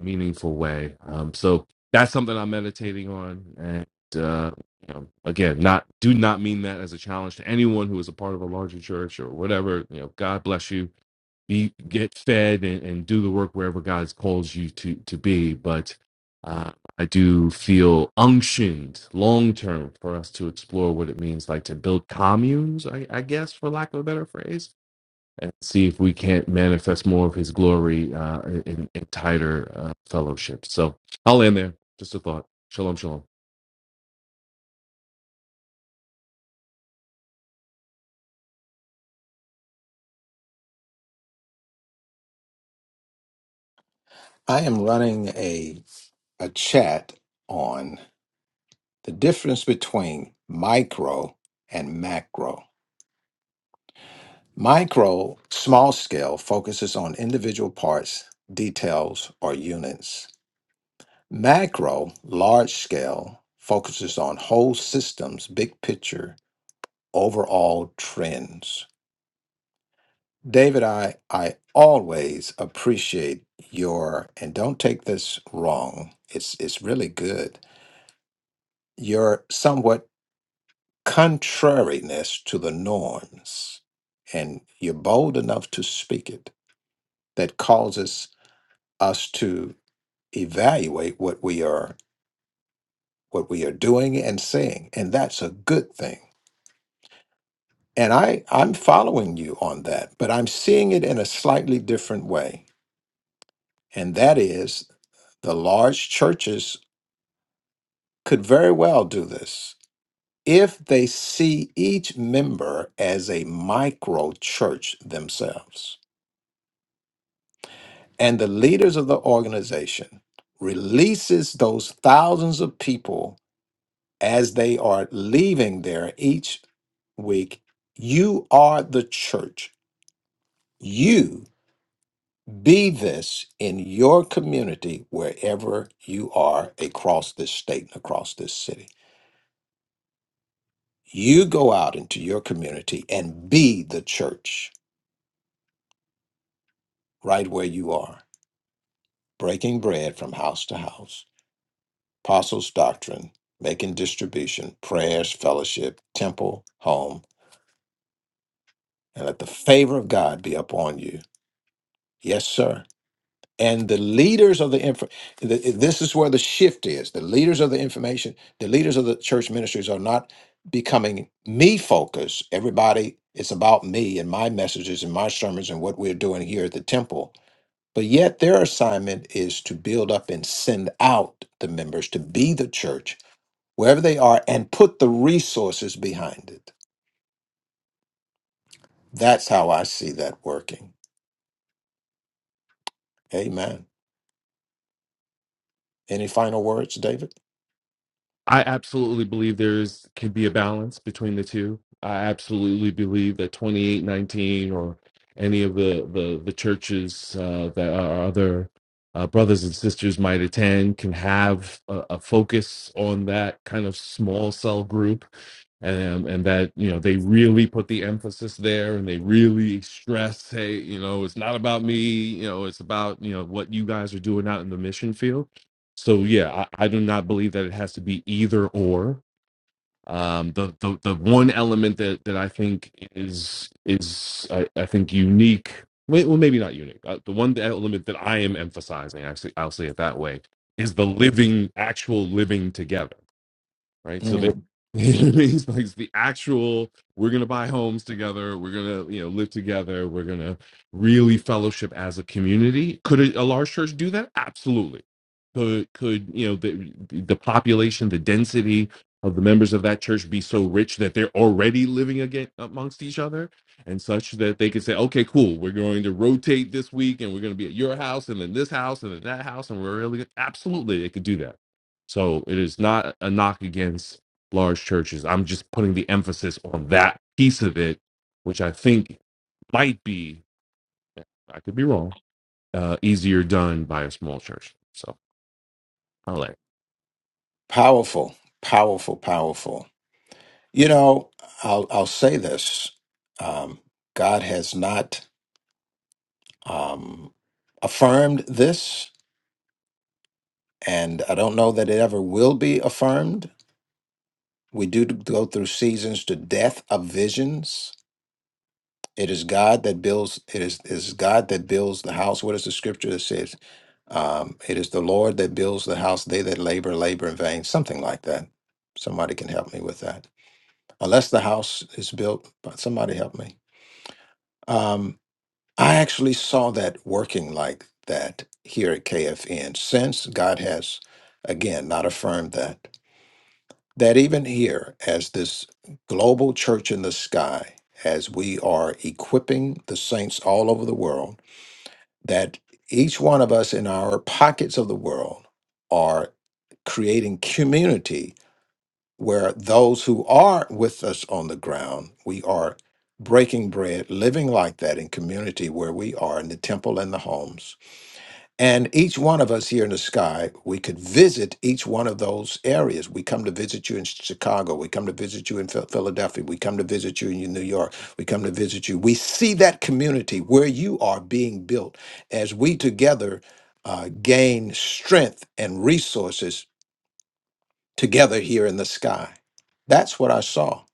meaningful way. Um, so that's something I'm meditating on. And uh, you know, again, not do not mean that as a challenge to anyone who is a part of a larger church or whatever. You know, God bless you. Be get fed and, and do the work wherever God calls you to to be. But uh, I do feel unctioned long term for us to explore what it means like to build communes. I, I guess, for lack of a better phrase and see if we can't manifest more of his glory uh, in, in tighter uh, fellowship. So I'll end there. Just a thought. Shalom, shalom.
I am running a a chat on the difference between micro and macro. Micro, small scale, focuses on individual parts, details, or units. Macro, large scale, focuses on whole systems, big picture, overall trends. David, I, I always appreciate your, and don't take this wrong, it's, it's really good, your somewhat contrariness to the norms. And you're bold enough to speak it. That causes us to evaluate what we are what we are doing and saying. And that's a good thing And I, I'm following you on that, but I'm seeing it in a slightly different way. And that is the large churches could very well do this if they see each member as a micro church themselves. And the leaders of the organization releases those thousands of people as they are leaving there each week. You are the church. You Be this in your community wherever you are across this state and across this city. You go out into your community and be the church right where you are, breaking bread from house to house, apostles' doctrine, making distribution, prayers, fellowship, temple, home, and let the favor of God be upon you. Yes, sir. and the leaders of the info the, this is where the shift is the leaders of the information the leaders of the church ministries are not becoming me focused everybody it's about me and my messages and my sermons and what we're doing here at the temple but yet their assignment is to build up and send out the members to be the church wherever they are and put the resources behind it that's how i see that working amen any final words david
I absolutely believe there's can be a balance between the two. I absolutely believe that 2819 or any of the the, the churches uh, that our other uh, brothers and sisters might attend can have a, a focus on that kind of small cell group, and and that you know they really put the emphasis there and they really stress, hey, you know, it's not about me, you know, it's about you know what you guys are doing out in the mission field so yeah, I, I do not believe that it has to be either or. Um, the, the the one element that that I think is is I, I think unique. wait, Well, maybe not unique. Uh, the one element that I am emphasizing, actually, I'll say it that way, is the living, actual living together right? So they it means like it's the actual we're gonna buy homes together, we're gonna you know live together, we're gonna really fellowship as a community. Could a, a large church do that? Absolutely. Could could you know the the population, the density of the members of that church be so rich that they're already living again amongst each other and such that they could say, okay, cool, we're going to rotate this week and we're going to be at your house and then this house and then that house and we're really good. absolutely they could do that so it is not a knock against large churches. I'm just putting the emphasis on that piece of it, which I think might be, I could be wrong, uh, easier done by a small church. So I'll let
Powerful, powerful, powerful. You know, I'll I'll say this. Um, God has not um, affirmed this, and I don't know that it ever will be affirmed. We do go through seasons to death of visions. It is God that builds. It is it is God that builds the house. What is the scripture that says? Um, it is the Lord that builds the house. They that labor labor in vain. Something like that. Somebody can help me with that unless the house is built. But somebody help me. Um, I actually saw that working like that here at KFN since God has, again, not affirmed that. That even here, as this global church in the sky, as we are equipping the saints all over the world, that each one of us in our pockets of the world are creating community where those who are with us on the ground, we are breaking bread, living like that in community where we are in the temple and the homes. And each one of us here in the sky, we could visit each one of those areas. We come to visit you in Chicago. We come to visit you in Phil- Philadelphia. We come to visit you in New York. We come to visit you. We see that community where you are being built as we together uh, gain strength and resources together here in the sky. That's what I saw.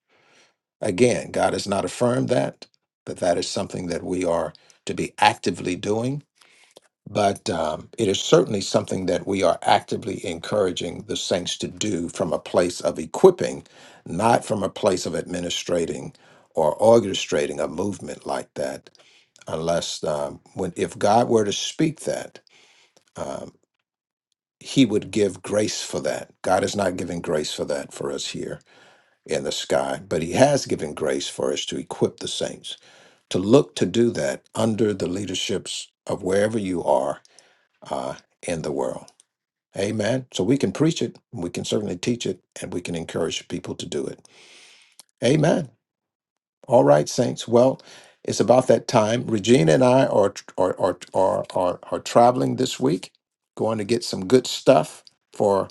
Again, God has not affirmed that, but that is something that we are to be actively doing. But um, it is certainly something that we are actively encouraging the saints to do from a place of equipping, not from a place of administrating or orchestrating a movement like that. Unless, um, when if God were to speak that, um, He would give grace for that. God is not giving grace for that for us here in the sky, but he has given grace for us to equip the saints to look to do that under the leaderships of wherever you are uh, in the world. Amen. So we can preach it, we can certainly teach it, and we can encourage people to do it. Amen. All right, saints. Well, it's about that time. Regina and I are are are are are, are traveling this week, going to get some good stuff for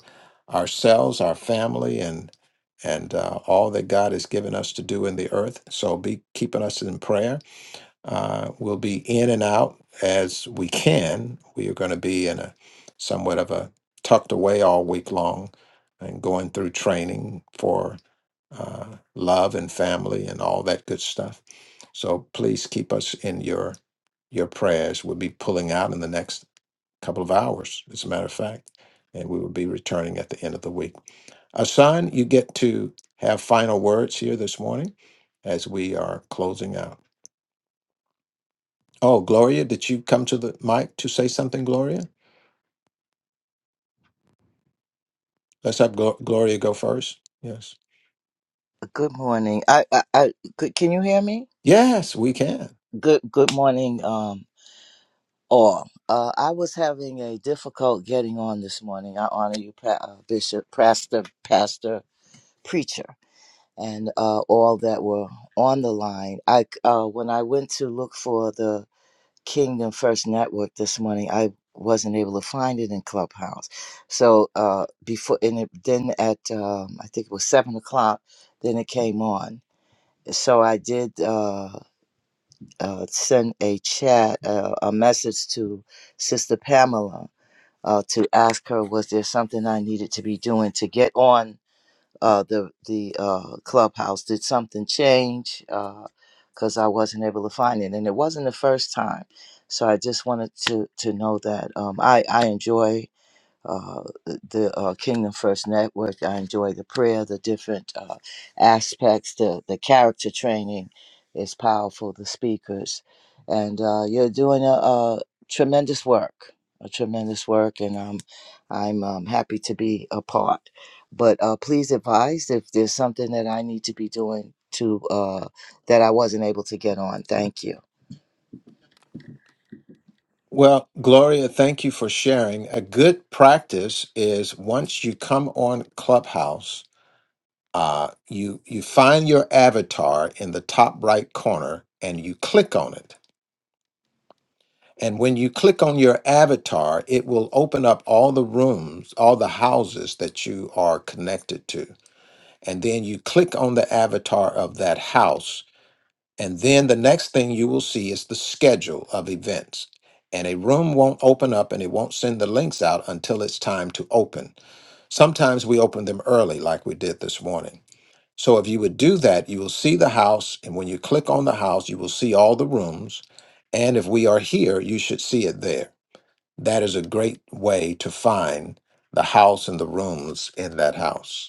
ourselves, our family, and and uh, all that God has given us to do in the earth. So be keeping us in prayer. Uh, we'll be in and out as we can. We are going to be in a somewhat of a tucked away all week long and going through training for uh, love and family and all that good stuff. So please keep us in your your prayers. We'll be pulling out in the next couple of hours, as a matter of fact, and we will be returning at the end of the week. Asan, you get to have final words here this morning as we are closing out. Oh, Gloria, did you come to the mic to say something, Gloria? Let's have Glo- Gloria go first. Yes.
Good morning. I, I, I could, can you hear me?
Yes, we can.
Good, good morning, um, all. Uh, I was having a difficult getting on this morning. I honor you, pa- uh, Bishop, Pastor, Pastor, Preacher, and uh, all that were on the line. I uh, when I went to look for the Kingdom First Network this morning, I wasn't able to find it in Clubhouse. So uh, before, and it, then at um, I think it was seven o'clock, then it came on so I did. Uh, uh, sent a chat, uh, a message to Sister Pamela uh, to ask her, was there something I needed to be doing to get on uh, the the uh, clubhouse? Did something change? Because I wasn't able to find it, and it wasn't the first time. So I just wanted to to know that um, I I enjoy uh, the uh, Kingdom First Network. I enjoy the prayer, the different uh, aspects, the, the character training is powerful, the speakers. And uh, you're doing a, a tremendous work, a tremendous work, and um, I'm um, happy to be a part. But uh, please advise if there's something that I need to be doing to uh, that I wasn't able to get on. Thank you.
Well, Gloria, thank you for sharing. A good practice is once you come on Clubhouse, uh, you you find your avatar in the top right corner and you click on it. And when you click on your avatar, it will open up all the rooms, all the houses that you are connected to. And then you click on the avatar of that house And then the next thing you will see is the schedule of events. And a room won't open up and it won't send the links out until it's time to open. Sometimes we open them early, like we did this morning. So if you would do that, you will see the house. And when you click on the house, you will see all the rooms. And if we are here, you should see it there. That is a great way to find the house and the rooms in that house.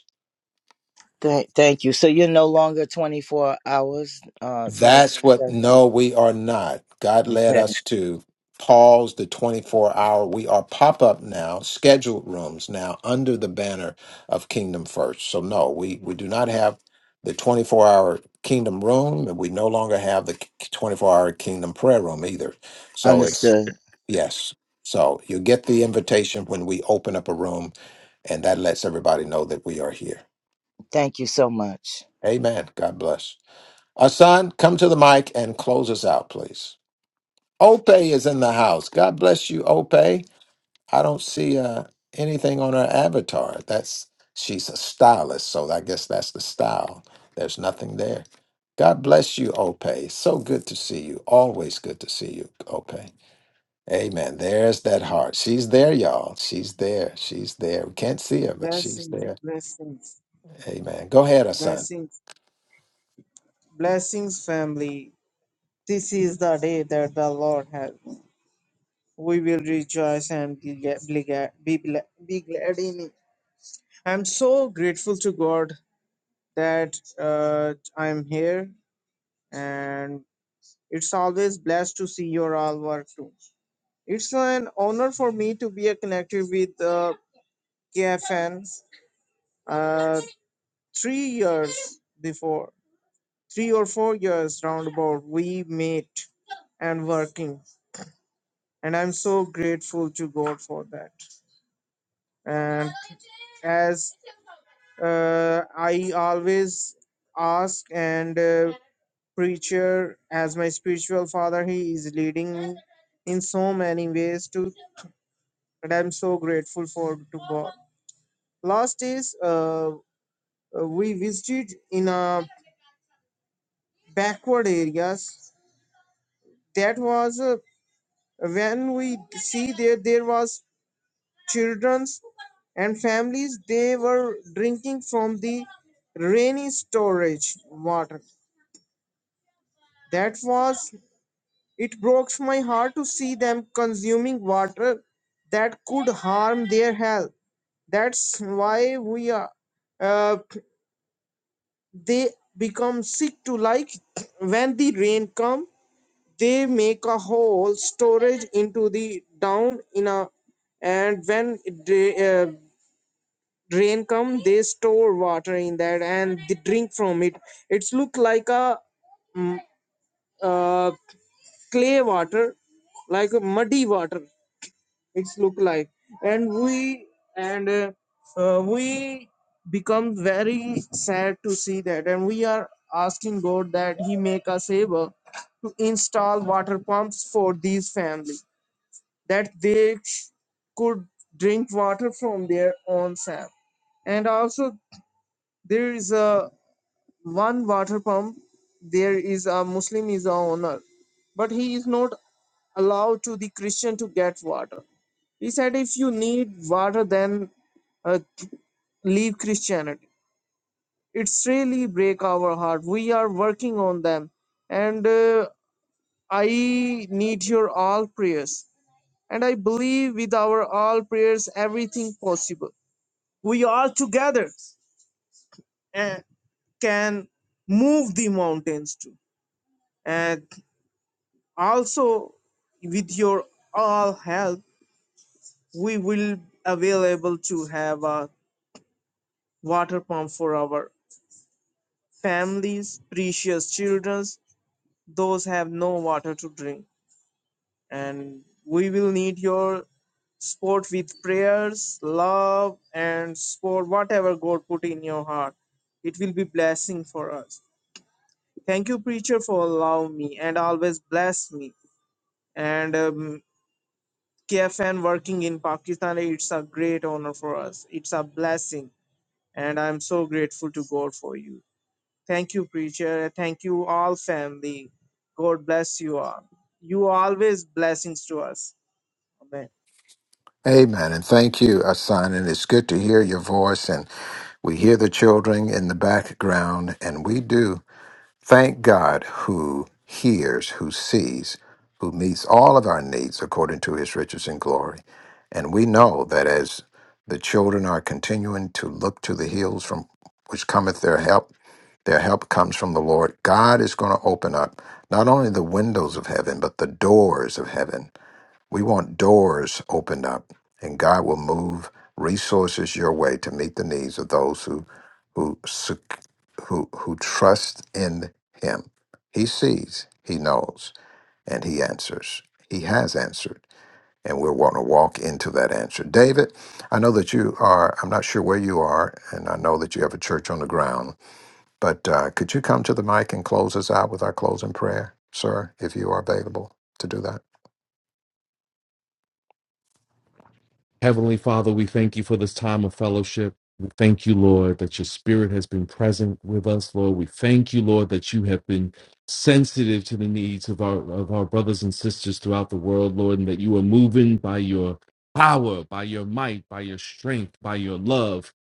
Thank, thank you. So you're no longer 24 hours, uh, 24
That's what,
seven.
no, we are not. God led
Okay,
us to pause the 24 hour. We are pop up now, scheduled rooms now under the banner of Kingdom First. So, no, we, we do not have the 24 hour Kingdom Room, and we no longer have the 24 hour Kingdom Prayer Room either. So, it's
understood.
yes. So, you get the invitation when we open up a room, and that lets everybody know that we are here.
Thank you so much.
Amen. God bless. Asan, come to the mic and close us out, please. Ope is in the house. God bless you, Ope. I don't see uh, anything on her avatar. That's she's a stylist, so I guess that's the style. There's nothing there. God bless you, Ope. So good to see you. Always good to see you, Ope. Amen. There's that heart. She's there, y'all. She's there. She's there. We can't see her, but she's
Blessings,
there.
blessings,
Amen. Go ahead, Asan.
blessings, blessings, family. This is the day that the Lord has. We will rejoice and be, ga- be, ga- be, bla- be glad in it. I'm so grateful to God that uh, I'm here, and it's always blessed to see your all work too. It's an honor for me to be connected with uh, KFN uh, three years before. three or four years roundabout we met and working and i'm so grateful to god for that and as uh, i always ask and uh, preacher as my spiritual father he is leading me in so many ways too and i'm so grateful for to god last is uh, uh, we visited in a backward areas that was uh, when we see there there was childrens and families they were drinking from the rainy storage water that was it broke my heart to see them consuming water that could harm their health that's why we are uh, they become sick to like when the rain come they make a whole storage into the down in a and when they. uh, rain come they store water in that and they drink from it it's look like a mm, uh, clay water like a muddy water it's look like and we and uh, uh, we become very sad to see that and we are asking god that he make us able to install water pumps for these family that they sh- could drink water from their own self and also there is a one water pump there is a muslim is a owner but he is not allowed to the christian to get water he said if you need water then uh, leave christianity it's really break our heart we are working on them and uh, i need your all prayers and i believe with our all prayers everything possible we all together uh, can move the mountains too And also with your all help we will available to have a water pump for our families precious children those have no water to drink and we will need your support with prayers love and support whatever god put in your heart it will be blessing for us thank you preacher for allowing me and always bless me and um, KFN working in Pakistan, it's a great honor for us. It's a blessing, and I'm so grateful to God for you. Thank you, preacher. Thank you, all family. God bless you all. You always blessings to us. Amen.
Amen. And thank you, Asan. And it's good to hear your voice and we hear the children in the background, and we do. Thank God who hears, who sees, who meets all of our needs according to his riches and glory. And we know that as the children are continuing to look to the hills from which cometh their help, their help comes from the Lord. God is going to open up not only the windows of heaven, but the doors of heaven we want doors opened up, and God will move resources your way to meet the needs of those who who sec- who who trust in Him. He sees, He knows, and He answers. He has answered, and we're want to walk into that answer. David, I know that you are. I'm not sure where you are, and I know that you have a church on the ground. But uh, could you come to the mic and close us out with our closing prayer, sir, if you are available to do that?
Heavenly Father, we thank you for this time of fellowship. We thank you, Lord, that your spirit has been present with us, Lord. We thank you, Lord, that you have been sensitive to the needs of our of our brothers and sisters throughout the world, Lord, and that you are moving by your power, by your might, by your strength, by your love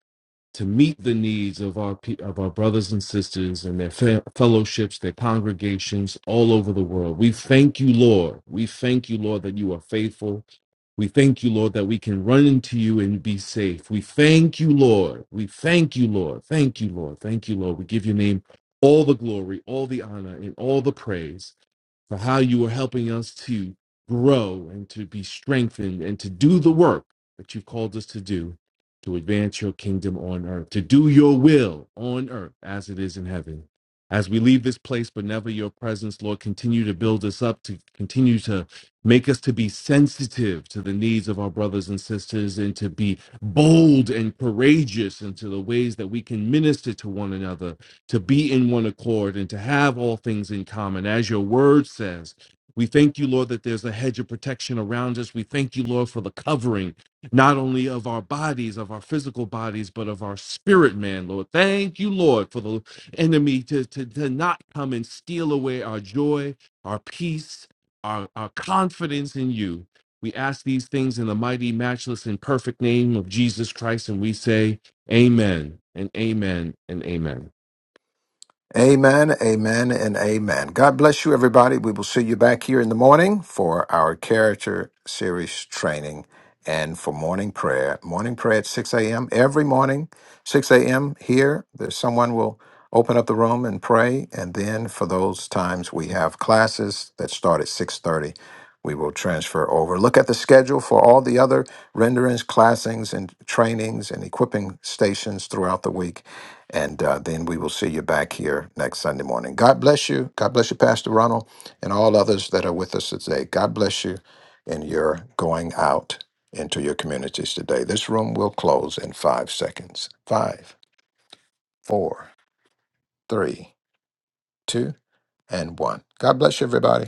to meet the needs of our pe- of our brothers and sisters and their fe- fellowships, their congregations all over the world. We thank you, Lord. We thank you, Lord, that you are faithful we thank you, Lord, that we can run into you and be safe. We thank you, Lord. We thank you, Lord. Thank you, Lord. Thank you, Lord. We give your name all the glory, all the honor, and all the praise for how you are helping us to grow and to be strengthened and to do the work that you've called us to do to advance your kingdom on earth, to do your will on earth as it is in heaven. As we leave this place, but never your presence, Lord, continue to build us up, to continue to make us to be sensitive to the needs of our brothers and sisters, and to be bold and courageous into the ways that we can minister to one another to be in one accord and to have all things in common, as your word says. We thank you, Lord, that there's a hedge of protection around us. We thank you, Lord, for the covering, not only of our bodies, of our physical bodies, but of our spirit, man, Lord. Thank you, Lord, for the enemy to, to, to not come and steal away our joy, our peace, our, our confidence in you. We ask these things in the mighty, matchless, and perfect name of Jesus Christ, and we say, Amen and amen and amen.
Amen, amen, and amen. God bless you, everybody. We will see you back here in the morning for our character series training and for morning prayer. Morning prayer at 6 a.m. every morning, 6 a.m. here. There's someone will open up the room and pray. And then for those times we have classes that start at 6:30. We will transfer over. Look at the schedule for all the other renderings, classings, and trainings and equipping stations throughout the week and uh, then we will see you back here next Sunday morning. God bless you. God bless you, Pastor Ronald, and all others that are with us today. God bless you in your going out into your communities today. This room will close in five seconds. Five, four, three, two, and one. God bless you, everybody.